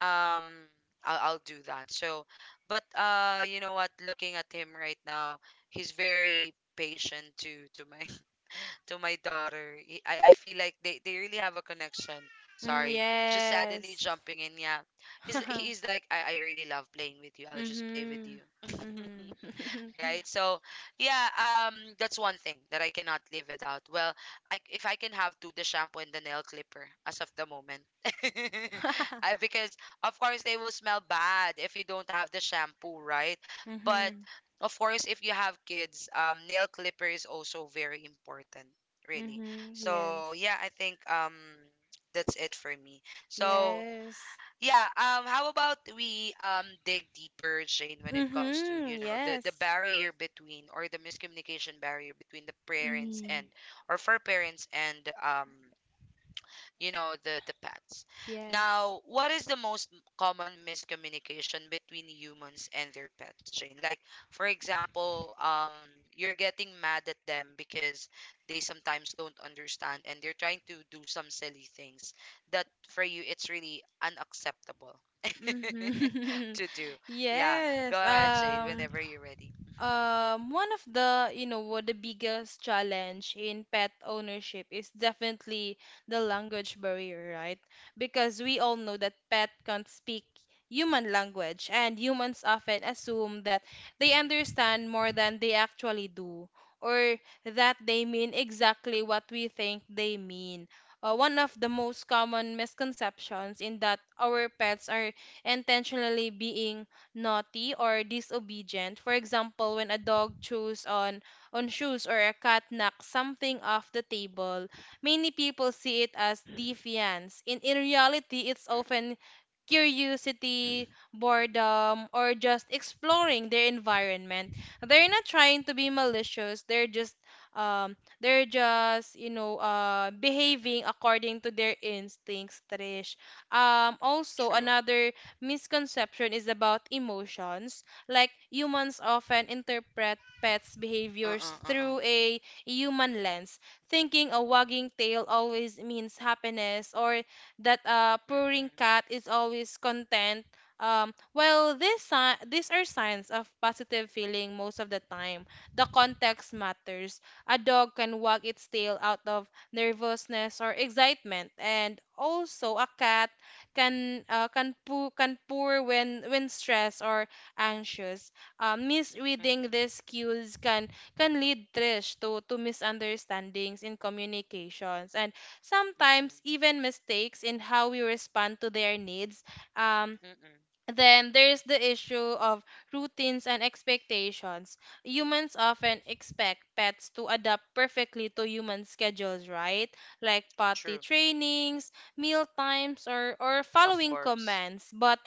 [SPEAKER 1] Um, I'll do that. So, but you know what? Looking at him right now, he's very patient to my (laughs) to my daughter. I feel like they really have a connection.
[SPEAKER 2] Mm,
[SPEAKER 1] Sorry, just suddenly
[SPEAKER 2] yes.
[SPEAKER 1] jumping in. Yeah, he's
[SPEAKER 2] (laughs)
[SPEAKER 1] like, I really love playing with you. I'll just play with
[SPEAKER 2] Mm-hmm.
[SPEAKER 1] you. (laughs)
[SPEAKER 2] Mm-hmm.
[SPEAKER 1] Right? So, yeah, that's one thing that I cannot live without. Well, I if I can have two, the shampoo and the nail clipper as of the moment, (laughs)
[SPEAKER 2] (laughs)
[SPEAKER 1] because of course they will smell bad if you don't have the shampoo, right? But
[SPEAKER 2] Mm-hmm.
[SPEAKER 1] of course, if you have kids, nail clipper is also very important, really.
[SPEAKER 2] Mm-hmm.
[SPEAKER 1] So
[SPEAKER 2] Yes.
[SPEAKER 1] yeah, I think that's it for me. So
[SPEAKER 2] Yes.
[SPEAKER 1] yeah, how about we dig deeper, Shane, when it comes to,
[SPEAKER 2] Mm-hmm.
[SPEAKER 1] you know, the
[SPEAKER 2] Yes.
[SPEAKER 1] barrier between, or the miscommunication barrier between the parents,
[SPEAKER 2] Mm-hmm.
[SPEAKER 1] and or for parents and the pets.
[SPEAKER 2] Yes.
[SPEAKER 1] Now, what is the most common miscommunication between humans and their pets, Jane? Like for example, you're getting mad at them because they sometimes don't understand and they're trying to do some silly things that for you it's really unacceptable (laughs)
[SPEAKER 2] Mhm.
[SPEAKER 1] to
[SPEAKER 2] (laughs)
[SPEAKER 1] do. Yeah, go
[SPEAKER 2] Yes.
[SPEAKER 1] ahead, Jane, whenever you're ready.
[SPEAKER 2] One of the, you know what, the biggest challenge in pet ownership is definitely the language barrier, right? Because we all know that pet can't speak human language, and humans often assume that they
[SPEAKER 1] Mm-mm.
[SPEAKER 2] understand more than they actually do, or that they mean exactly what we think they mean. One of the most common misconceptions in that our pets are intentionally being naughty or disobedient. For example, when a dog chews on shoes or a cat knocks something off the table, many people see it as defiance. In reality, it's
[SPEAKER 1] Mm-mm.
[SPEAKER 2] often curiosity,
[SPEAKER 1] Mm-mm.
[SPEAKER 2] boredom, or just exploring their environment. They're not trying to be malicious. They're just you know, uh, behaving
[SPEAKER 1] Mm-mm.
[SPEAKER 2] according to their instincts, Trish. Um, also
[SPEAKER 1] True.
[SPEAKER 2] another misconception is about emotions. Like humans often interpret pets' behaviors
[SPEAKER 1] Uh-uh, uh-uh.
[SPEAKER 2] through a human lens, thinking a wagging tail always means happiness or that a
[SPEAKER 1] Mm-mm.
[SPEAKER 2] purring cat is always content. Well, these, si- these are signs of positive feeling most of the time. The context matters. A dog can wag its tail out of nervousness or excitement, and also a cat can, can pour, can pour when stressed or anxious. Misreading
[SPEAKER 1] Mm-mm.
[SPEAKER 2] these cues can lead Trish to misunderstandings in communications and
[SPEAKER 1] Mm-mm.
[SPEAKER 2] sometimes even mistakes in how we respond to their needs. Um,
[SPEAKER 1] Mm-mm.
[SPEAKER 2] then there's the issue of routines and expectations. Humans often expect pets to adapt perfectly to human schedules, right? Like potty
[SPEAKER 1] True.
[SPEAKER 2] trainings, meal times, or
[SPEAKER 1] Of
[SPEAKER 2] following
[SPEAKER 1] course.
[SPEAKER 2] commands. But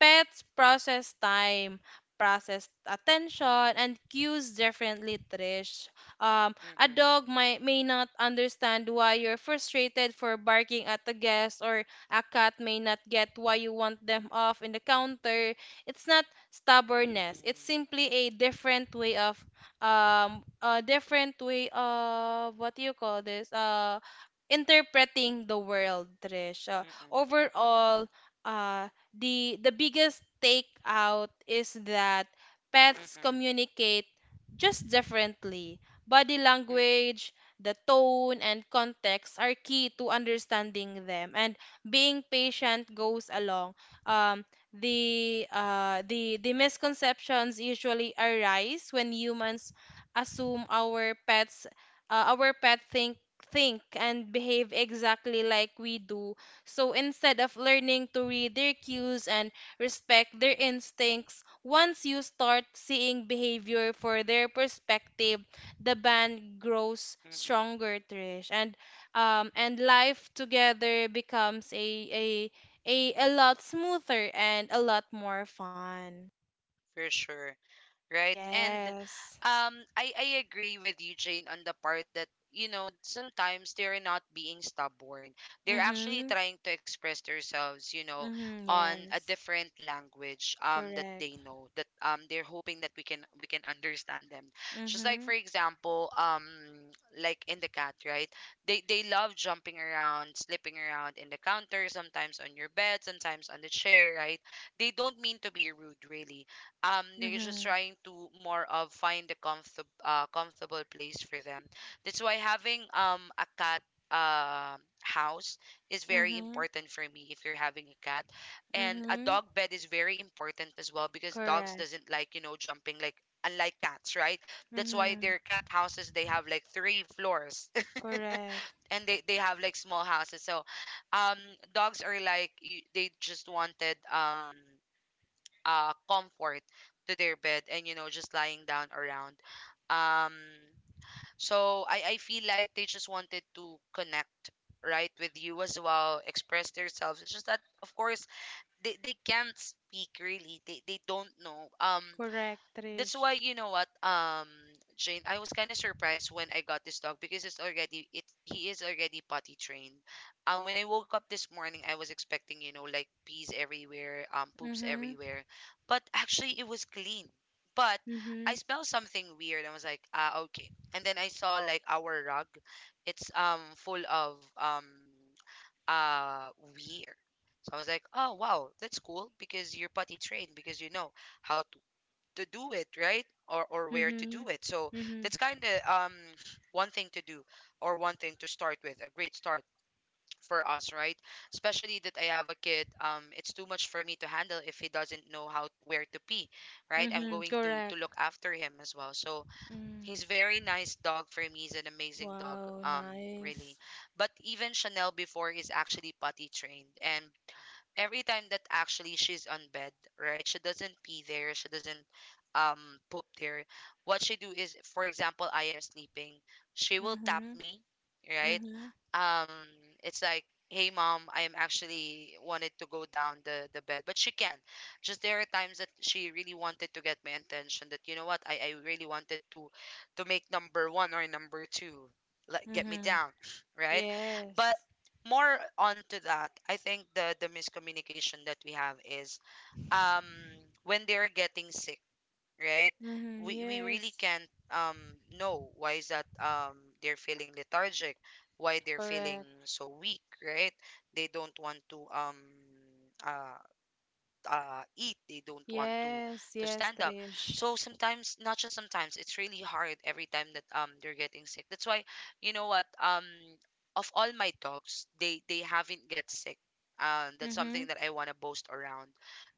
[SPEAKER 2] pets process time, process attention, and cues differently, Trish. A
[SPEAKER 1] Mm-mm.
[SPEAKER 2] dog might, may not understand why you're frustrated for barking at the guest, or a cat may not get why you want them off in the counter. It's not stubbornness. It's
[SPEAKER 1] Mm-mm.
[SPEAKER 2] simply a different way of what do you call this? Uh, interpreting the world, Trish.
[SPEAKER 1] Mm-mm.
[SPEAKER 2] Overall, uh, the biggest takeout is that pets
[SPEAKER 1] Mm-mm.
[SPEAKER 2] communicate just differently. Body
[SPEAKER 1] Mm-mm.
[SPEAKER 2] language, the tone and context are key to understanding them, and being patient goes along. Um, the misconceptions usually arise when humans assume our pets, our pet think and behave exactly like we do. So instead of learning to read their cues and respect their instincts, once you start seeing behavior for their perspective, the band grows
[SPEAKER 1] Mm-mm.
[SPEAKER 2] stronger, Trish. And life together becomes a a lot smoother and a lot more fun.
[SPEAKER 1] For sure. Right? And
[SPEAKER 2] Yes.
[SPEAKER 1] I agree with you, Jane, on the part that sometimes they're not being stubborn. They're actually
[SPEAKER 2] Mhm.
[SPEAKER 1] trying to express themselves,
[SPEAKER 2] Mhm.
[SPEAKER 1] on a
[SPEAKER 2] Yes.
[SPEAKER 1] different language that they
[SPEAKER 2] Correct.
[SPEAKER 1] know that they're hoping that we can understand them. Just like for
[SPEAKER 2] Mhm.
[SPEAKER 1] example, like in the cat, right? They love jumping around, slipping around in the counter, sometimes on your bed, sometimes on the chair, right? They don't mean to be rude, really. They're just
[SPEAKER 2] Mhm.
[SPEAKER 1] trying to, more of, find a comfortable place for them. That's why having a cat uh, house is very
[SPEAKER 2] Mhm.
[SPEAKER 1] important for me if you're having a cat. And a
[SPEAKER 2] Mhm.
[SPEAKER 1] dog bed is very important as well because dogs
[SPEAKER 2] Correct.
[SPEAKER 1] doesn't like, jumping, like, unlike cats, right? That's why
[SPEAKER 2] Mhm.
[SPEAKER 1] their cat houses, they have like three floors (laughs)
[SPEAKER 2] Correct.
[SPEAKER 1] and they have like small houses. So um dogs are like you, they just wanted comfort to their bed, and just lying down around. um so I feel like they just wanted to connect, right, with you as well, express themselves. It's just that, of course, they can't speak really. They don't know.
[SPEAKER 2] Correct,
[SPEAKER 1] That's
[SPEAKER 2] Trish.
[SPEAKER 1] why, you know what, Jane, I was kind of surprised when I got this dog because it's already it he is already potty trained. When I woke up this morning, I was expecting, you know, like pees everywhere, poops
[SPEAKER 2] Mhm.
[SPEAKER 1] everywhere. But actually it was clean. But I
[SPEAKER 2] Mhm.
[SPEAKER 1] smelled something weird and was like, ah, okay, and then I saw like our rug, it's full of uh weird. So I was like, oh wow, that's cool, because you're potty trained, because you know how to do it, right? Or where to do
[SPEAKER 2] Mhm.
[SPEAKER 1] it. So
[SPEAKER 2] Mhm.
[SPEAKER 1] that's kind of one thing to do, or one thing to start with. A great start for us, right? Especially that I have a kid. It's too much for me to handle if he doesn't know how, where to pee, right? I'm
[SPEAKER 2] Mhm.
[SPEAKER 1] going to look
[SPEAKER 2] Correct.
[SPEAKER 1] after him as well. So
[SPEAKER 2] Mm.
[SPEAKER 1] he's very nice dog for me. He's an amazing dog.
[SPEAKER 2] Wow,
[SPEAKER 1] Really.
[SPEAKER 2] nice.
[SPEAKER 1] But even Chanel before is actually potty trained. And every time that actually she's on bed, right? She doesn't pee there. She doesn't um poop there. What she do is, for example, I am sleeping. She will tap
[SPEAKER 2] Mhm.
[SPEAKER 1] me, right?
[SPEAKER 2] Mhm.
[SPEAKER 1] Um, it's like, hey mom, I am actually wanted to go down the bed, but she can't. Just there are times that she really wanted to get my attention. That, you know what, I really wanted to make number one or number two, like get me
[SPEAKER 2] Mhm.
[SPEAKER 1] down, (laughs) right? But
[SPEAKER 2] Yes.
[SPEAKER 1] more onto that, I think the miscommunication that we have is, um when they're getting sick, right?
[SPEAKER 2] Mm-hmm.
[SPEAKER 1] We really
[SPEAKER 2] Yes.
[SPEAKER 1] can't know why is that they're feeling lethargic, why they're feeling
[SPEAKER 2] Correct.
[SPEAKER 1] so weak, right? They don't want to, uh eat. They don't want to
[SPEAKER 2] Yes.
[SPEAKER 1] to
[SPEAKER 2] Yes,
[SPEAKER 1] stand up.
[SPEAKER 2] Trish.
[SPEAKER 1] So sometimes, not just sometimes, it's really hard every time that they're getting sick. That's why, you know what, of all my dogs, they haven't get sick. That's something
[SPEAKER 2] Mm-hmm.
[SPEAKER 1] that I want to boast around,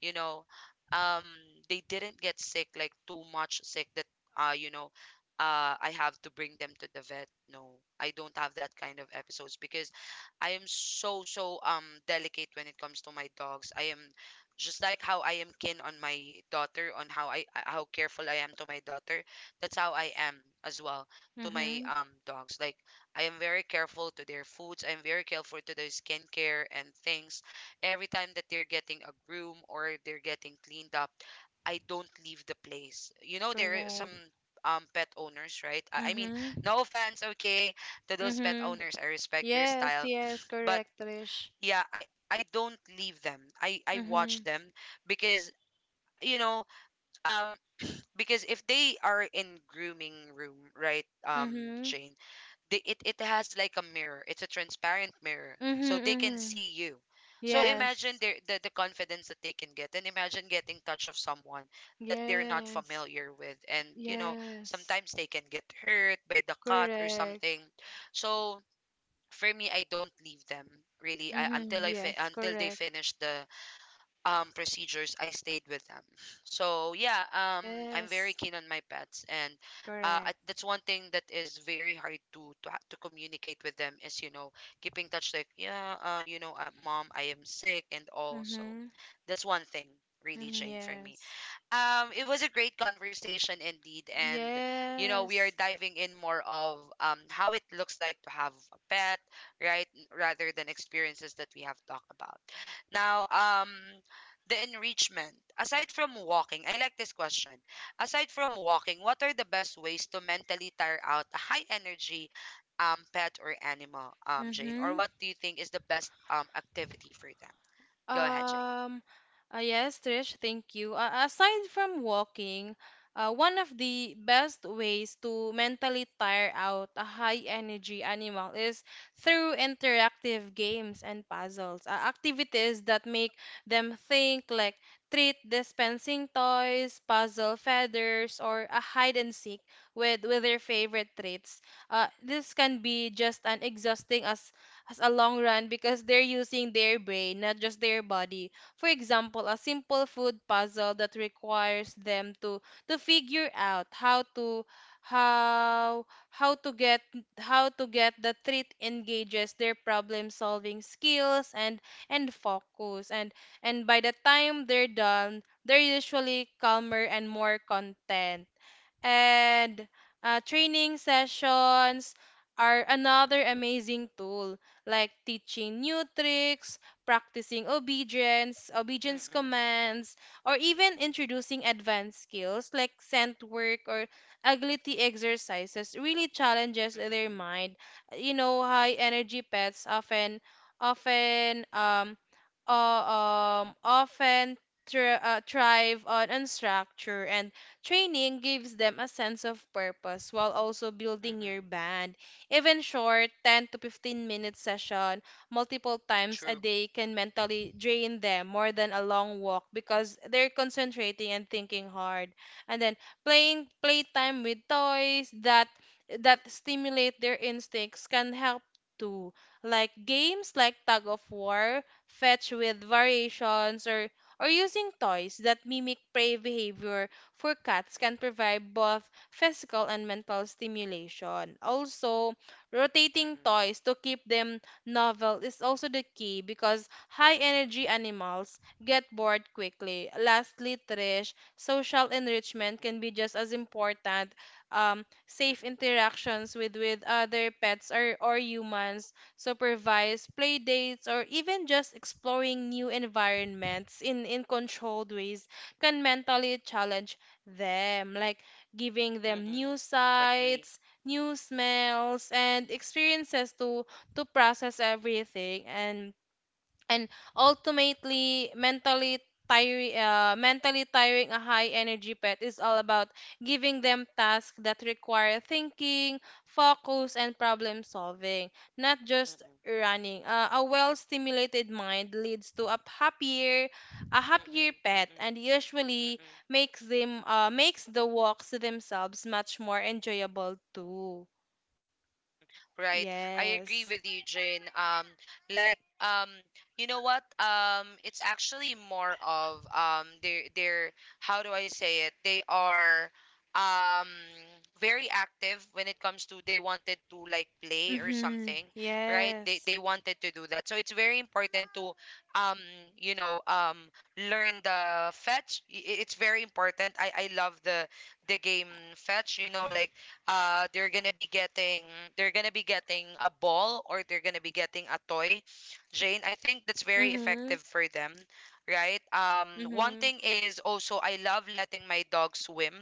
[SPEAKER 1] you know. um they didn't get sick, like too much sick that, you know, I have to bring them to the vet, no. I don't have that kind of episodes because I am so delicate when it comes to my dogs. I am just like how I am keen on my daughter, on how I how careful I am to my daughter, that's how I am as well to my
[SPEAKER 2] Mm-hmm.
[SPEAKER 1] dogs. Like, I am very careful to their foods. I am very careful to their skincare and things. Every time that they're getting a groom or they're getting cleaned up, I don't leave the place. You know, there are some
[SPEAKER 2] Correct.
[SPEAKER 1] pet owners, right? I mean,
[SPEAKER 2] Mm-hmm.
[SPEAKER 1] no offense, okay, to those pet
[SPEAKER 2] Mm-hmm.
[SPEAKER 1] owners. I respect your
[SPEAKER 2] Yes.
[SPEAKER 1] style,
[SPEAKER 2] Yes.
[SPEAKER 1] (sniffs) but
[SPEAKER 2] Correct, Trish.
[SPEAKER 1] yeah, I don't leave them. I watch
[SPEAKER 2] Mm-hmm.
[SPEAKER 1] them. Because, you know, um because if they are in grooming room, right?
[SPEAKER 2] Mm-hmm.
[SPEAKER 1] Jane, it has like a mirror. It's a transparent mirror, so
[SPEAKER 2] Mm-hmm.
[SPEAKER 1] they can
[SPEAKER 2] Mm-hmm.
[SPEAKER 1] see you. So imagine
[SPEAKER 2] Yes.
[SPEAKER 1] the confidence that they can get, and imagine getting touch of someone that they're not
[SPEAKER 2] Yes.
[SPEAKER 1] familiar with. And, you know,
[SPEAKER 2] Yes.
[SPEAKER 1] sometimes they can get hurt by the cut or
[SPEAKER 2] Correct.
[SPEAKER 1] something. So for me, I don't leave them, really. I,
[SPEAKER 2] Mm-hmm.
[SPEAKER 1] until I fi-
[SPEAKER 2] Yes.
[SPEAKER 1] until they
[SPEAKER 2] Correct.
[SPEAKER 1] finish the procedures. I stayed with them. So yeah, I'm very
[SPEAKER 2] Yes.
[SPEAKER 1] keen on my pets, and
[SPEAKER 2] Correct.
[SPEAKER 1] that's one thing that is very hard to communicate with them, is, you know, keeping touch, like, yeah, you know, mom, I am sick and all. So
[SPEAKER 2] Mm-hmm.
[SPEAKER 1] that's one thing really,
[SPEAKER 2] Mm-hmm.
[SPEAKER 1] Jane, for me.
[SPEAKER 2] Yes.
[SPEAKER 1] It was a great conversation indeed, and you know we are
[SPEAKER 2] Yes.
[SPEAKER 1] diving in more of how it looks like to have a pet, right? Rather than experiences that we have talked about. Now, the enrichment. Aside from walking, I like this question. Aside from walking, what are the best ways to mentally tire out a high energy pet or animal, Jane? Or
[SPEAKER 2] Mm-hmm.
[SPEAKER 1] what do you think is the best activity for them? Go ahead, Jane.
[SPEAKER 2] Um, yes, Trish, thank you. Aside from walking, one of the best ways to mentally tire out a high energy animal is through interactive games and puzzles, activities that make them think, like treat dispensing toys, puzzle feathers, or a hide and seek with their favorite treats. This can be just as exhausting as a long run, because they're using their brain, not just their body. For example, a simple food puzzle that requires them to figure out how to how how to get how to get the treat engages their problem solving skills and focus. And by the time they're done, they're usually calmer and more content. And training sessions are another amazing tool, like teaching new tricks, practicing obedience
[SPEAKER 1] Mm-mm,
[SPEAKER 2] commands, or even introducing advanced skills like scent work or agility exercises, really challenges their
[SPEAKER 1] mm-mm,
[SPEAKER 2] mind. You know, high energy pets often um uh, often thrive on unstructure, and training gives them a sense of purpose while also building your
[SPEAKER 1] mm-mm.
[SPEAKER 2] band. Even short 10 to 15 minute session multiple times a
[SPEAKER 1] True.
[SPEAKER 2] day can mentally drain them more than a long walk, because they're concentrating and thinking hard. And then playing playtime with toys that that stimulate their instincts can help too. Like games like tug of war, fetch with variations, or using toys that mimic prey behavior for cats, can provide both physical and mental stimulation. Also, rotating
[SPEAKER 1] Mm-mm,
[SPEAKER 2] toys to keep them novel is also the key, because high energy animals get bored quickly. Lastly, Trish, social enrichment
[SPEAKER 1] mm-mm,
[SPEAKER 2] can be just as important. Um, safe
[SPEAKER 1] mm-mm,
[SPEAKER 2] interactions with other pets or humans, supervised play dates, or even just exploring new environments in controlled ways can mentally challenge them, like giving them
[SPEAKER 1] mm-mm.
[SPEAKER 2] new
[SPEAKER 1] Agree.
[SPEAKER 2] sights, new smells, and experiences to process everything. And ultimately mentally tiring mentally tiring a high energy pet is all about giving them tasks that require thinking focus and problem solving, not just
[SPEAKER 1] Mm-mm,
[SPEAKER 2] running. A well stimulated mind leads to a happier
[SPEAKER 1] mm-mm,
[SPEAKER 2] pet
[SPEAKER 1] mm-mm,
[SPEAKER 2] and usually
[SPEAKER 1] mm-mm.
[SPEAKER 2] makes them makes the walks themselves much more enjoyable too.
[SPEAKER 1] Right. I
[SPEAKER 2] Yes.
[SPEAKER 1] agree with you, Jane. Like, you know what? It's actually more of they're how do I say it? They are um very active when it comes to they wanted to like play or
[SPEAKER 2] Mhm.
[SPEAKER 1] something, right?
[SPEAKER 2] Yes.
[SPEAKER 1] They wanted to do that. So it's very important to um, you know, um, learn the fetch. It's very important. I love the game fetch. You know, like they're gonna be getting they're gonna be getting a ball or they're gonna be getting a toy. Jane, I think that's very
[SPEAKER 2] Mhm.
[SPEAKER 1] effective for them, right? One
[SPEAKER 2] Mhm.
[SPEAKER 1] thing is also I love letting my dog swim,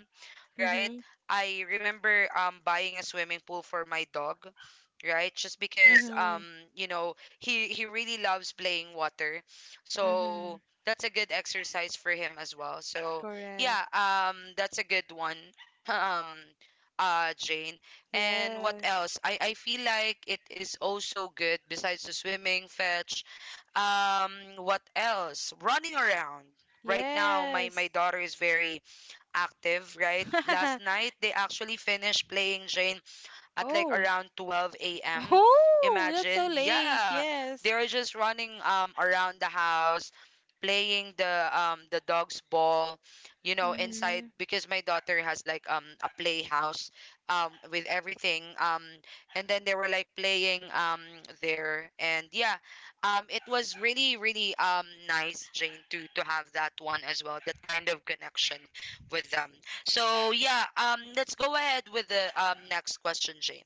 [SPEAKER 1] right?
[SPEAKER 2] Mhm.
[SPEAKER 1] I remember buying a swimming pool for my dog, right? Just because
[SPEAKER 2] Mhm.
[SPEAKER 1] you know he really loves playing water, so
[SPEAKER 2] Mhm.
[SPEAKER 1] that's a good exercise for him as well. So
[SPEAKER 2] Correct.
[SPEAKER 1] yeah, that's a good one. (laughs) (clears throat) um Jane. And what
[SPEAKER 2] Yes.
[SPEAKER 1] else? I feel like it is also good besides the swimming, fetch. Um, what else? Running around. Right now, my
[SPEAKER 2] Yes.
[SPEAKER 1] my daughter is very active. Right, last
[SPEAKER 2] (laughs)
[SPEAKER 1] night they actually finished playing, Jane, at like
[SPEAKER 2] Oh.
[SPEAKER 1] around 12 a.m.
[SPEAKER 2] Oh, that's
[SPEAKER 1] Imagine,
[SPEAKER 2] so late.
[SPEAKER 1] yeah,
[SPEAKER 2] Yes.
[SPEAKER 1] they're just running around the house, playing the dog's ball, you know, inside
[SPEAKER 2] Mhm.
[SPEAKER 1] because my daughter has like a playhouse with everything, and then they were like playing there. And yeah, it was really nice, Jane, to have that one as well, that kind of connection with them. So yeah, let's go ahead with the next question, Jane.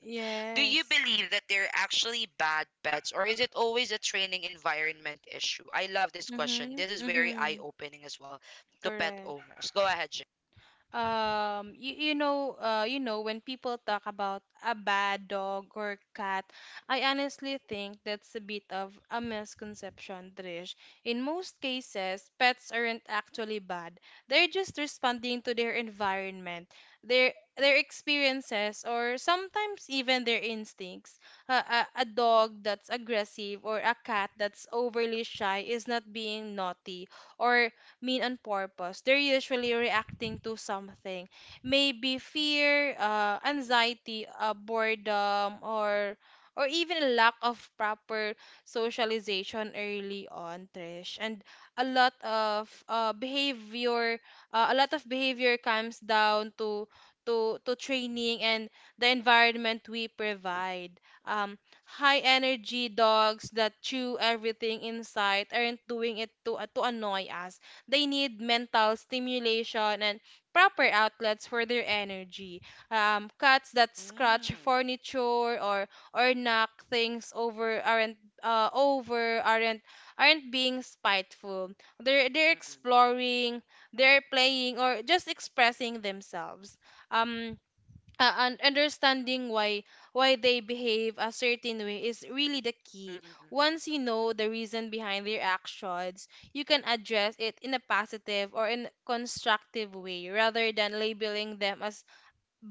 [SPEAKER 1] Do you
[SPEAKER 2] Yes.
[SPEAKER 1] believe that they're actually bad pets, or is it always a training environment issue? I love this question.
[SPEAKER 2] Mhm.
[SPEAKER 1] This is very
[SPEAKER 2] Mhm.
[SPEAKER 1] eye-opening as well to pet
[SPEAKER 2] Correct.
[SPEAKER 1] owners. Go ahead, Jane.
[SPEAKER 2] You, you know, when people talk about a bad dog or cat, I honestly think that's a bit of a misconception, Trish. In most cases, pets aren't actually bad, they're just responding to their environment, their experiences, or sometimes even their instincts. A dog that's aggressive or a cat that's overly shy is not being naughty or mean on purpose. They're usually reacting to something, maybe fear, anxiety, boredom, or even a lack of proper socialization early on, Trish. And a lot of a lot of behavior comes down to to training and the environment we provide. Um, High energy
[SPEAKER 1] Mm-mm.
[SPEAKER 2] dogs that chew everything in sight aren't doing it to annoy us, they need mental stimulation and proper outlets for their energy. Cats that scratch furniture or knock things over aren't being spiteful. They're
[SPEAKER 1] Mm. Mm-mm.
[SPEAKER 2] exploring, they're playing, or just expressing themselves. Um, and understanding why they behave a certain way is really the key.
[SPEAKER 1] Mm-mm.
[SPEAKER 2] Once you know the reason behind their actions, you can address it in a positive or in constructive way rather than labeling them as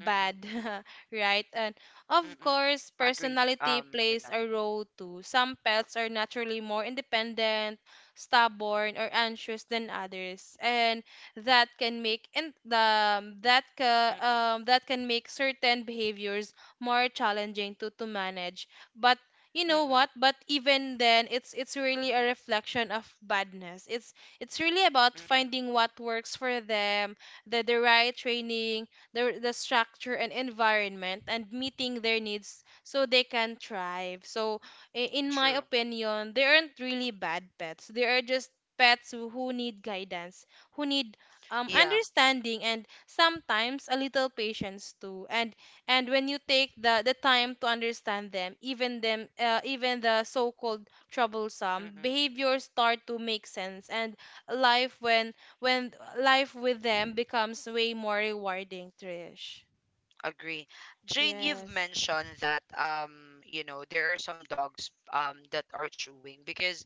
[SPEAKER 1] Mm-mm. Mm-mm.
[SPEAKER 2] (laughs) right? And of
[SPEAKER 1] Mm-mm.
[SPEAKER 2] course,
[SPEAKER 1] Agreed
[SPEAKER 2] personality
[SPEAKER 1] with
[SPEAKER 2] plays
[SPEAKER 1] that.
[SPEAKER 2] a role too. Some pets are naturally more independent, stubborn, or anxious than others, and that can make and um that ca,
[SPEAKER 1] Mm-mm.
[SPEAKER 2] that can make certain behaviors more challenging to manage. But you know
[SPEAKER 1] Mm-mm.
[SPEAKER 2] what? But even then, it's really a reflection of badness. It's really about
[SPEAKER 1] Mm-mm.
[SPEAKER 2] finding what works for them, the the right training, the structure and environment, and meeting their needs so they can thrive. So, in
[SPEAKER 1] True.
[SPEAKER 2] my opinion, they aren't really bad pets. They are just pets who need guidance, who need
[SPEAKER 1] Yeah.
[SPEAKER 2] understanding, and sometimes a little patience too. And when you take the time to understand them, even the so-called troublesome
[SPEAKER 1] Mm-mm.
[SPEAKER 2] behaviors start to make sense. And life when life with them becomes way more rewarding, Trish.
[SPEAKER 1] Agree. Jane, you've
[SPEAKER 2] Yes.
[SPEAKER 1] mentioned that you know, there are some dogs that are chewing because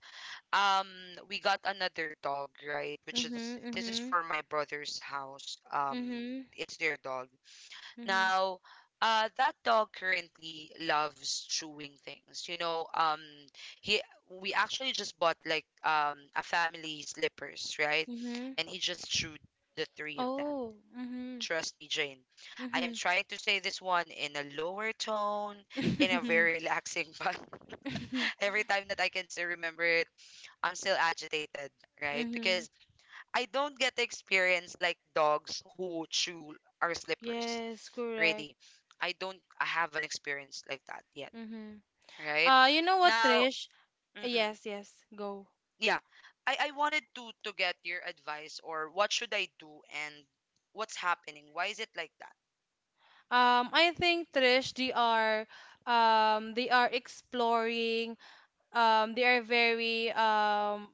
[SPEAKER 1] um we got another dog, right? Which is
[SPEAKER 2] Mhm.
[SPEAKER 1] this is
[SPEAKER 2] Mhm.
[SPEAKER 1] for my brother's house.
[SPEAKER 2] Mhm.
[SPEAKER 1] It's their dog.
[SPEAKER 2] Mhm.
[SPEAKER 1] Now, that dog currently loves chewing things. You know, he, we actually just bought like a family slippers, right?
[SPEAKER 2] Mhm.
[SPEAKER 1] And he just chewed the three of them.
[SPEAKER 2] Oh. Mhm.
[SPEAKER 1] Trust me, Jane. I am
[SPEAKER 2] Mhm.
[SPEAKER 1] trying to say this one in a lower tone,
[SPEAKER 2] (laughs)
[SPEAKER 1] in a
[SPEAKER 2] Mhm.
[SPEAKER 1] very relaxing (laughs) vibe. Every time that I can still remember it, I'm still agitated, right?
[SPEAKER 2] Mhm.
[SPEAKER 1] Because I don't get to experience like dogs who chew our slippers,
[SPEAKER 2] Yes, correct.
[SPEAKER 1] really. I don't, I have not experienced like that yet,
[SPEAKER 2] Mhm.
[SPEAKER 1] right?
[SPEAKER 2] You know what,
[SPEAKER 1] Now,
[SPEAKER 2] Trish?
[SPEAKER 1] mm-mm,
[SPEAKER 2] Yes, yes, go.
[SPEAKER 1] yeah, I wanted to get your advice or what should I do, and what's happening? Why is it like that?
[SPEAKER 2] I think, Trish, they are exploring. They are very um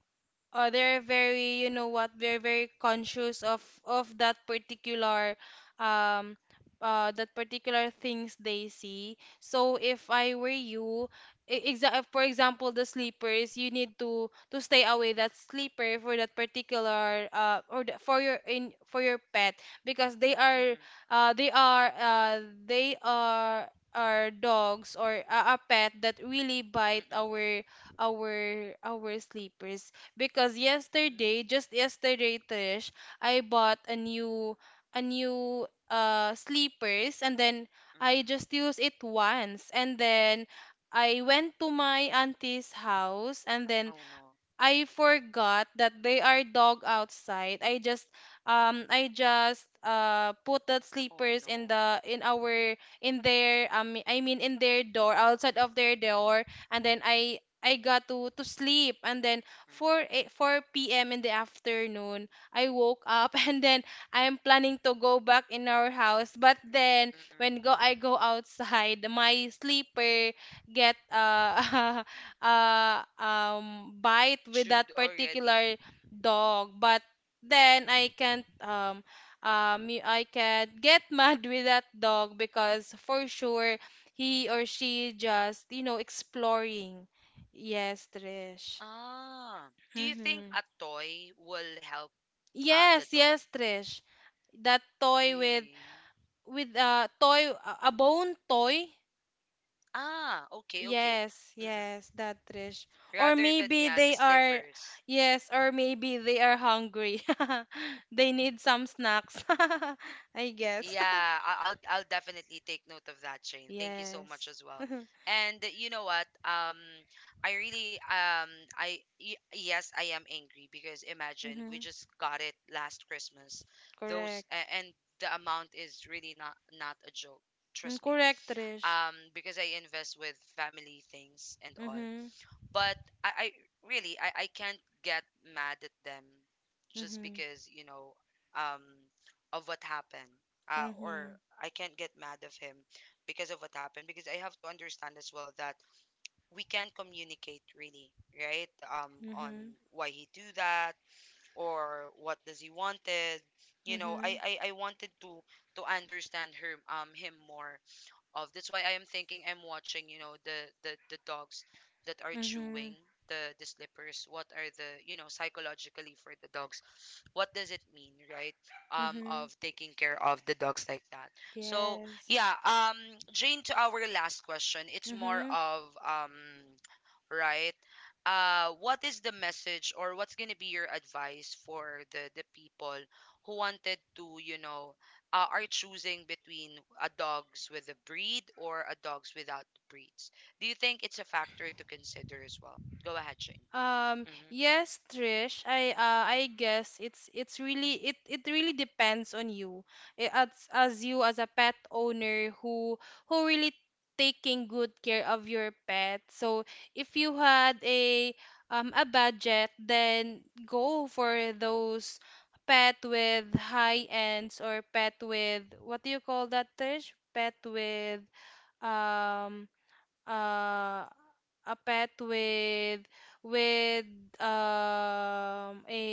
[SPEAKER 2] uh, they're very, you know what, they're very conscious of um that particular things they see, so if I were you, for example, the sleepers, you need to stay away that sleeper for that particular uh, or the, for your in for your pet, because they
[SPEAKER 1] Mm-mm,
[SPEAKER 2] are uh they are uh they are dogs or a pet that really bite
[SPEAKER 1] mm-mm,
[SPEAKER 2] our sleepers, because yesterday,
[SPEAKER 1] mm.
[SPEAKER 2] just yesterday, Trish, I bought a new sleepers, and then I
[SPEAKER 1] Mm-mm.
[SPEAKER 2] just used it once, and then I went to my auntie's house, and then
[SPEAKER 1] Oh no.
[SPEAKER 2] I forgot that they are dog outside. I just um, I just put the sleepers
[SPEAKER 1] Oh
[SPEAKER 2] in
[SPEAKER 1] no.
[SPEAKER 2] the in our in their um, I mean, in their door, outside of their
[SPEAKER 1] Mm-mm.
[SPEAKER 2] door, and then I got to sleep, and then
[SPEAKER 1] Mm-mm.
[SPEAKER 2] 4 p.m. in the afternoon, I woke up (laughs) and then I'm planning to go back in our house, but then when go I
[SPEAKER 1] Mm-mm.
[SPEAKER 2] go outside (laughs) my sleeper get (laughs) bite with that
[SPEAKER 1] Chewed
[SPEAKER 2] particular
[SPEAKER 1] already.
[SPEAKER 2] dog. But then I can't um, um, I can't get (laughs) mad with that dog, because for sure, he or she just, you know, exploring. Yes, Trish.
[SPEAKER 1] Ah. Do you think
[SPEAKER 2] Mm-hmm.
[SPEAKER 1] a toy will help the
[SPEAKER 2] Yes,
[SPEAKER 1] dog?
[SPEAKER 2] yes, Trish. That toy with
[SPEAKER 1] Really?
[SPEAKER 2] with a toy, a bone toy.
[SPEAKER 1] Ah, okay, okay.
[SPEAKER 2] Yes,
[SPEAKER 1] Mm-mm.
[SPEAKER 2] yes, that, Trish. Or
[SPEAKER 1] Rather than
[SPEAKER 2] maybe
[SPEAKER 1] yeah, the
[SPEAKER 2] they are,
[SPEAKER 1] slippers.
[SPEAKER 2] yes, or maybe they are hungry. (laughs) They need some snacks, (laughs) I guess. (laughs)
[SPEAKER 1] Yeah, I'll definitely take note of that, Shane. Thank you so much
[SPEAKER 2] Yes.
[SPEAKER 1] as well.
[SPEAKER 2] (laughs)
[SPEAKER 1] And you know what? I really yes, I am angry because imagine we
[SPEAKER 2] Mm-hmm.
[SPEAKER 1] just got it last Christmas. Those
[SPEAKER 2] Correct.
[SPEAKER 1] a- and the amount is really not a joke.
[SPEAKER 2] Mm,
[SPEAKER 1] Trust me.
[SPEAKER 2] correct, Trish.
[SPEAKER 1] Because I invest with family things and all,
[SPEAKER 2] Mm-hmm.
[SPEAKER 1] but I really, I can't get mad at them just
[SPEAKER 2] Mm-hmm.
[SPEAKER 1] because, you know, um of what happened, or
[SPEAKER 2] Mm-hmm.
[SPEAKER 1] I can't get mad of him because of what happened, because I have to understand as well that we can communicate really, right? On
[SPEAKER 2] Mm-hmm.
[SPEAKER 1] why he do that, or what does he wanted, you know,
[SPEAKER 2] Mm-hmm.
[SPEAKER 1] I wanted to understand her him more of. That's why I am thinking, I'm watching, you know, the the dogs that are
[SPEAKER 2] Mm-hmm.
[SPEAKER 1] chewing the slippers. What are the, you know, psychologically for the dogs? What does it mean, right?
[SPEAKER 2] Mm-hmm.
[SPEAKER 1] Of taking care of the dogs like that. So
[SPEAKER 2] Yes.
[SPEAKER 1] yeah, Jane, to our last question, it's more
[SPEAKER 2] Mm-hmm.
[SPEAKER 1] of right? What is the message or what's gonna be your advice for the people who wanted to, you know, are choosing between a dogs with a breed or a dogs without breeds. Do you think it's a factor to consider as well? Go ahead, Jane. Hmm.
[SPEAKER 2] Yes, Trish. I guess it's really it really depends on you. As you as a pet owner who really taking good care of your pet. So if you had a budget, then go for those pet with high ends, or pet with, what do you call that, Trish? Pet with um uh, a pet with um a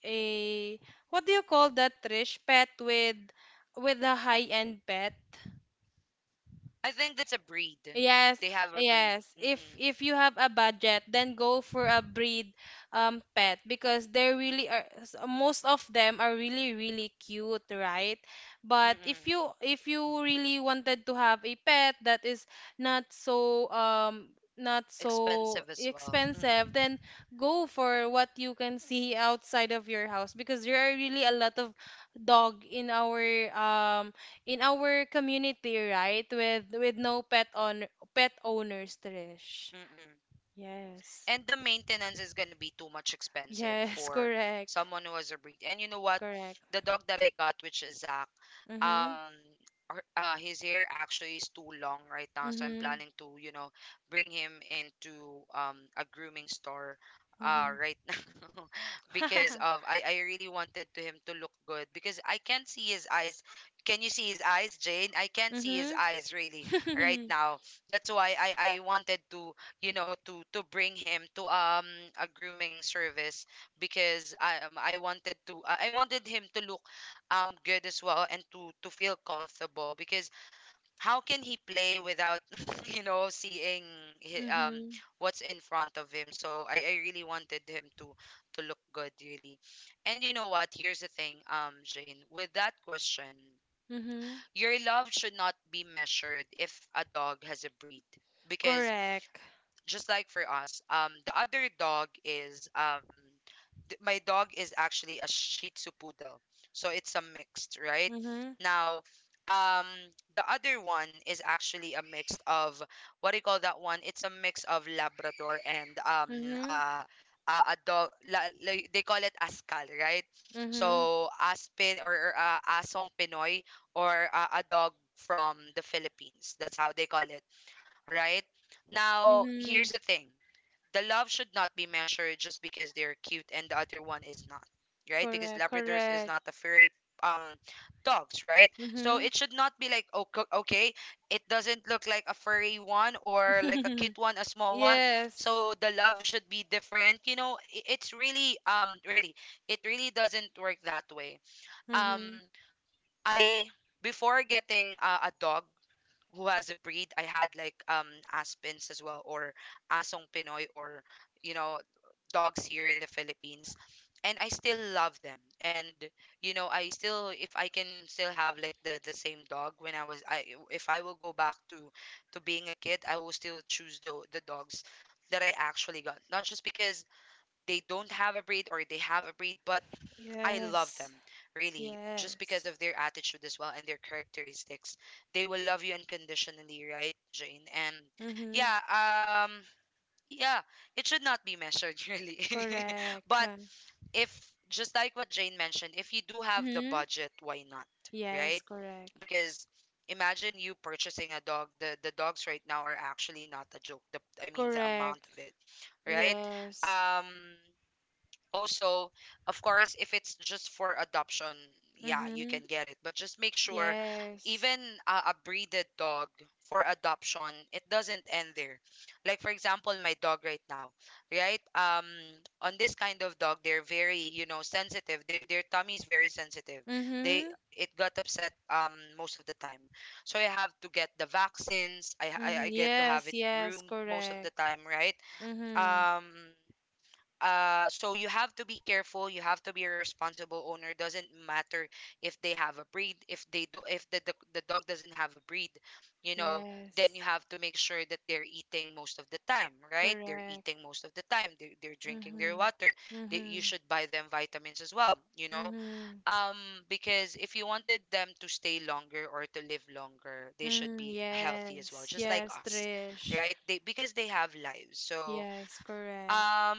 [SPEAKER 1] Mm-mm.
[SPEAKER 2] a, what do you call that, Trish, pet with a high end pet.
[SPEAKER 1] I think that's a breed.
[SPEAKER 2] Yes,
[SPEAKER 1] They have a breed.
[SPEAKER 2] yes.
[SPEAKER 1] Mm-mm.
[SPEAKER 2] If you have a budget, then go for a breed pet, because they really are most of them are really really cute, right? But
[SPEAKER 1] Mm-mm.
[SPEAKER 2] if you really wanted to have a pet that is not so not so
[SPEAKER 1] Expensive as well.
[SPEAKER 2] expensive,
[SPEAKER 1] Mm-mm.
[SPEAKER 2] then go for what you can see outside of your house, because there are really a lot of dog in our community, right? With no pet on pet owners, Trish.
[SPEAKER 1] Mm-mm.
[SPEAKER 2] Yes.
[SPEAKER 1] And the maintenance is gonna be too much expensive
[SPEAKER 2] Yes, (laughs)
[SPEAKER 1] for
[SPEAKER 2] correct.
[SPEAKER 1] someone who has a breed. And you know what?
[SPEAKER 2] Correct.
[SPEAKER 1] The dog that I got, which is Zach, um,
[SPEAKER 2] Mhm.
[SPEAKER 1] his hair actually is too long right now, so I'm
[SPEAKER 2] Mhm.
[SPEAKER 1] planning to, you know, bring him into a grooming store,
[SPEAKER 2] Mhm.
[SPEAKER 1] right (laughs) now, because of
[SPEAKER 2] (laughs)
[SPEAKER 1] I really wanted to him to look good because I can't see his eyes. Can you see his eyes, Jane? I can't see his
[SPEAKER 2] Mhm.
[SPEAKER 1] eyes really right
[SPEAKER 2] (laughs)
[SPEAKER 1] now. That's why I wanted to, you know, to bring him to a grooming service because I wanted to, I wanted him to look good as well and to feel comfortable because how can he play without (laughs) you know seeing hi- um
[SPEAKER 2] Mhm.
[SPEAKER 1] what's in front of him? So I really wanted him to look good really. And you know what, here's the thing, Jane, with that question,
[SPEAKER 2] Mhm.
[SPEAKER 1] your love should not be measured if a dog has a breed, because
[SPEAKER 2] Correct.
[SPEAKER 1] just like for us, the other dog is my dog is actually a Shih Tzu poodle, so it's a mixed, right?
[SPEAKER 2] Mhm.
[SPEAKER 1] Now, um, the other one is actually a mix of, what do you call that one? It's a mix of Labrador and
[SPEAKER 2] Mhm.
[SPEAKER 1] uh, a dog. They call it Askal, right?
[SPEAKER 2] Mhm.
[SPEAKER 1] So Aspin or, or Asong Pinoy, or a dog from the Philippines. That's how they call it, right? Now, here's
[SPEAKER 2] Mhm.
[SPEAKER 1] the thing. The love should not be measured just because they're cute and the other one is not, right? Because
[SPEAKER 2] Correct.
[SPEAKER 1] Labradors is
[SPEAKER 2] Correct.
[SPEAKER 1] not a furry um dogs, right? So
[SPEAKER 2] Mhm.
[SPEAKER 1] it should not be like, oh, okay, it doesn't look like a furry one or like a cute
[SPEAKER 2] (laughs)
[SPEAKER 1] one, a small one.
[SPEAKER 2] Yes.
[SPEAKER 1] So the love should be different. You know, it's really really, it really doesn't work that way. Um
[SPEAKER 2] Mhm.
[SPEAKER 1] I, before getting a dog who has a breed, I had like aspens as well, or asong Pinoy, or, you know, dogs here in the Philippines, and I still love them. And you know, I still, if I can still have like the same dog when I was I if I will go back to being a kid, I will still choose the dogs that I actually got, not just because they don't have a breed or they have a breed, but I love
[SPEAKER 2] Yes.
[SPEAKER 1] them, really, just because
[SPEAKER 2] Yes.
[SPEAKER 1] of their attitude as well and their characteristics. They will love you unconditionally, right, Jane? And
[SPEAKER 2] Mhm.
[SPEAKER 1] yeah, um, yeah, it should not be measured, (laughs) really. (laughs)
[SPEAKER 2] Correct.
[SPEAKER 1] But
[SPEAKER 2] Huh.
[SPEAKER 1] if, just like what Jane mentioned, if you do have the
[SPEAKER 2] Mm-hmm.
[SPEAKER 1] budget, why not,
[SPEAKER 2] Yes,
[SPEAKER 1] right?
[SPEAKER 2] correct.
[SPEAKER 1] Because imagine you purchasing a dog. The dogs right now are actually not a joke. The, I mean, the
[SPEAKER 2] Correct.
[SPEAKER 1] amount of it, right?
[SPEAKER 2] Yes.
[SPEAKER 1] Um, also, of course, if it's just for adoption, yeah, you
[SPEAKER 2] Mm-hmm.
[SPEAKER 1] can get it. But just make sure,
[SPEAKER 2] Yes.
[SPEAKER 1] even a breeded dog for adoption, it doesn't end there. Like for example, my dog right now, right? On this kind of dog, they're very, you know, sensitive. Their tummy is very sensitive. They,
[SPEAKER 2] Mm-hmm.
[SPEAKER 1] it got upset most of the time. So I have to get the vaccines. I
[SPEAKER 2] Mm-hmm.
[SPEAKER 1] get to have
[SPEAKER 2] Yes,
[SPEAKER 1] it
[SPEAKER 2] yes,
[SPEAKER 1] groomed most of the
[SPEAKER 2] correct.
[SPEAKER 1] time, right?
[SPEAKER 2] Mm-hmm.
[SPEAKER 1] Um so you have to be careful, you have to be a responsible owner, doesn't matter if they have a breed, if they do, if the dog doesn't have a breed, you know, then
[SPEAKER 2] Yes.
[SPEAKER 1] you have to make sure that they're eating most of the time, right, they're
[SPEAKER 2] Correct.
[SPEAKER 1] eating most of the time, they're drinking their
[SPEAKER 2] Mm-hmm.
[SPEAKER 1] water, they,
[SPEAKER 2] Mm-hmm.
[SPEAKER 1] you should buy them vitamins as well, you know,
[SPEAKER 2] Mm-hmm.
[SPEAKER 1] um because if you wanted them to stay longer or to live longer, they should
[SPEAKER 2] Mm,
[SPEAKER 1] be healthy as well,
[SPEAKER 2] yes.
[SPEAKER 1] just like
[SPEAKER 2] Yes,
[SPEAKER 1] us,
[SPEAKER 2] Trish.
[SPEAKER 1] right, they, because they have lives. So
[SPEAKER 2] Yes, correct.
[SPEAKER 1] um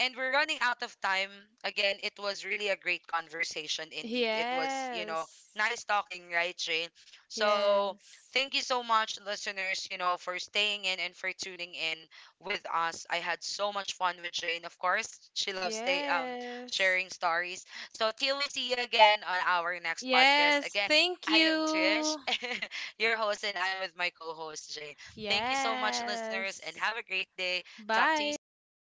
[SPEAKER 1] and we're running out of time. Again, it was really a great conversation indeed. It was, you know,
[SPEAKER 2] Yes.
[SPEAKER 1] nice talking, right, Shane? So
[SPEAKER 2] Yes.
[SPEAKER 1] thank you so much, listeners, you know, for staying in and for tuning in with us. I had so much fun with Jane, of course. She loves stay
[SPEAKER 2] Yes.
[SPEAKER 1] sharing stories. So till we see you again on our next podcast.
[SPEAKER 2] Yes,
[SPEAKER 1] Again,
[SPEAKER 2] thank
[SPEAKER 1] I am Trish,
[SPEAKER 2] you.
[SPEAKER 1] (laughs) your host, and I'm with my co-host Jane. Thank you so much,
[SPEAKER 2] Yes.
[SPEAKER 1] listeners, and have a great day. Talk to you soon.
[SPEAKER 2] Bye.